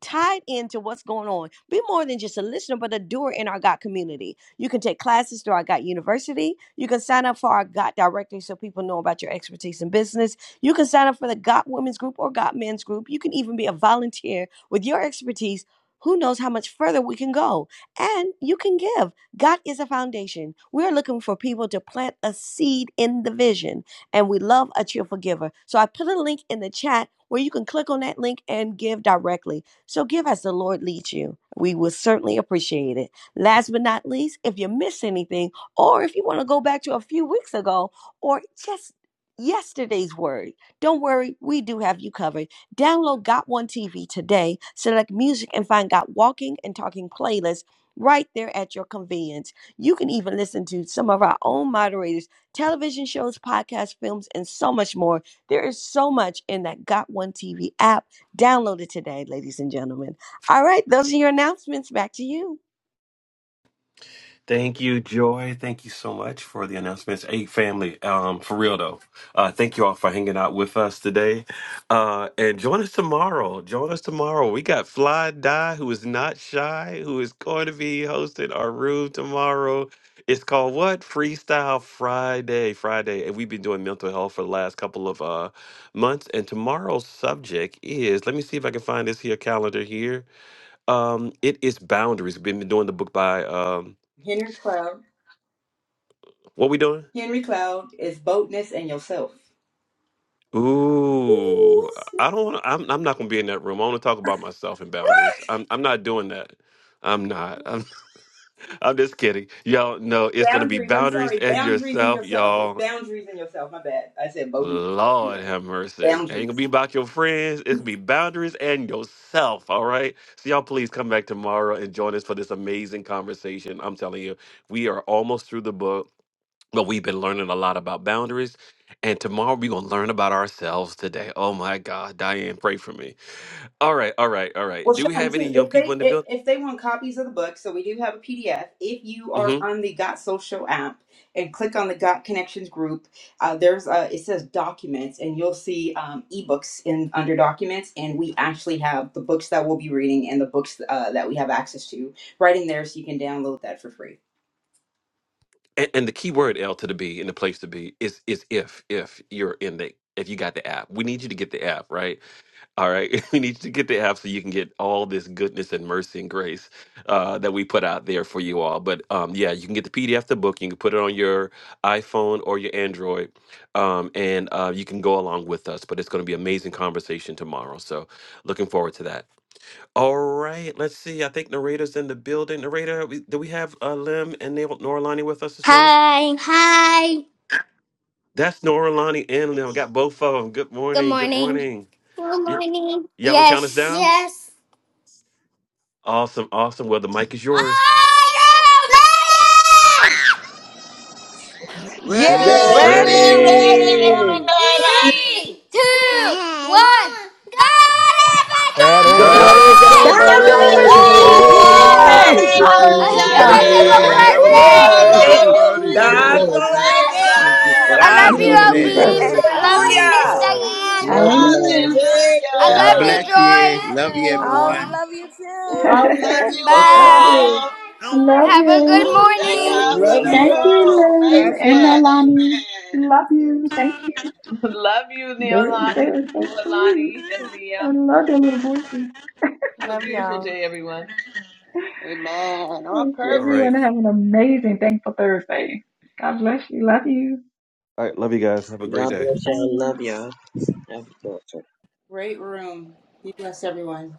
tied into what's going on. Be more than just a listener, but a doer in our God community. You can take classes through our God University. You can sign up for our God directory so people know about your expertise in business. You can sign up for the God Women's Group or God Men's Group. You can even be a volunteer with your expertise. Who knows how much further we can go? And you can give. God is a foundation. We're looking for people to plant a seed in the vision, and we love a cheerful giver. So I put a link in the chat where you can click on that link and give directly. So give as the Lord leads you. We will certainly appreciate it. Last but not least, if you miss anything, or if you want to go back to a few weeks ago, or just yesterday's word, don't worry, we do have you covered. Download Got One TV today, select music, and find Got Walking and Talking playlists right there at your convenience. You can even listen to some of our own moderators, television shows, podcasts, films, and so much more. There is so much in that Got One TV app Download it today, ladies and gentlemen. All right, those are your announcements. Back to you. Thank you, Joy. Thank you so much for the announcements. Hey, family, um, for real though, uh, thank you all for hanging out with us today. Uh, and join us tomorrow. Join us tomorrow. We got Fly Die, who is not shy, who is going to be hosting our room tomorrow. It's called what? Freestyle Friday. Friday. And we've been doing mental health for the last couple of uh, months. And tomorrow's subject is let me see if I can find this here calendar here. Um, it is boundaries. We've been doing the book by. Um, Henry Cloud. what we doing? Henry Cloud is boldness and yourself. Ooh, Ooh, snap. I don't. wanna- I'm. I'm not gonna be in that room. I want to talk about myself and boundaries. I'm. I'm not doing that. I'm not. I'm. I'm just kidding, y'all. No, it's gonna be Boundaries. I'm boundaries sorry. and Boundaries in yourself, yourself. It's y'all. boundaries in yourself. My bad. I said boldness. but Lord yeah, have mercy. Ain't gonna Boundaries. be about your friends. It's gonna be boundaries and yourself. All right. So y'all, please come back tomorrow and join us for this amazing conversation. I'm telling you, we are almost through the book. But we've been learning a lot about boundaries. And tomorrow we're going to learn about ourselves today. Oh my God, Diane, pray for me. All right, all right, all right. Well, Do we Sean, have any too, young if people they in the if, building? if they want copies of the book, so we do have a PDF. If you are hmm on the Got Social app and click on the Got Connections group, uh, there's a it says Documents, and you'll see um, ebooks in under Documents, and we actually have the books that we'll be reading and the books uh, that we have access to right in there, so you can download that for free. And, and the key word L to the B and the place to be is is if if you're in the if you got the app. We need you to get the app, right? All right. We need you to get the app so you can get all this goodness and mercy and grace uh, that we put out there for you all. But um, yeah, you can get the PDF, the book. You can put it on your iPhone or your Android, um, and uh, you can go along with us. But it's going to be amazing conversation tomorrow. So looking forward to that. All right. Let's see. I think narrator's in the building. Narrator, we- do we have uh, Lim and Nor- Noralani with us this morning? Hi. Hi. That's Noralani and Lim. Got both of them. Good Good morning. Good morning. morning. Good Y- morning. y'all gonna count us Yes. down? Yes. Awesome, awesome. Well, the mic is yours. Ireland! Yay! Ray. Yes, Ready. we're ready, Lord Ready. God. Three, two, Dad. one. God All right, over God it. God's is God's He's over over over over this. this. this. Hallelujah. Woo! Yes. Thank you, there. I Jesus. hope Hallelujah. you Hallelujah. guys have Woo! a Yay. Hallelujah. Have a Thank you, great Ooh, Hallelujah. day, ooh, Hey, Jesus. blessed day. ooh. everybody. God's Hallelujah. Glory, I over Jesus. Praise love Thank you, you. there. I Father. God. Thank- love God's you, over Glory, this. Obeem. glory, Hey, I love Father. you, Miss Hallelujah. Woo. Love Diane. hallelujah. y'all. Yay, I God glory. bless Hallelujah. you. love Love you, Hi. Oh, we you, everyone. Joy. love you you. I too. Woo. love Love you you Bye. I Love too. you. all. Bye. Love Have a good you. Love Woo. Thank you. morning. God for Love the Bye. you Thank you, room. all. Lynn God and bless. Amen. Nolani. Love you. Thank you. Love you, They're, they Neolani, are so sweet. Neolani, and I Liam. love their little voices. Have a Love beautiful y'all. day, everyone. Amen. Amen. On Yes, All purpose. right. Everyone have an amazing, thankful Thursday. God bless you. Love you. All right. Love you guys. Have a great God day. bless y'all. Bye. Love y'all. Have a good one. Great room. Be blessed, everyone.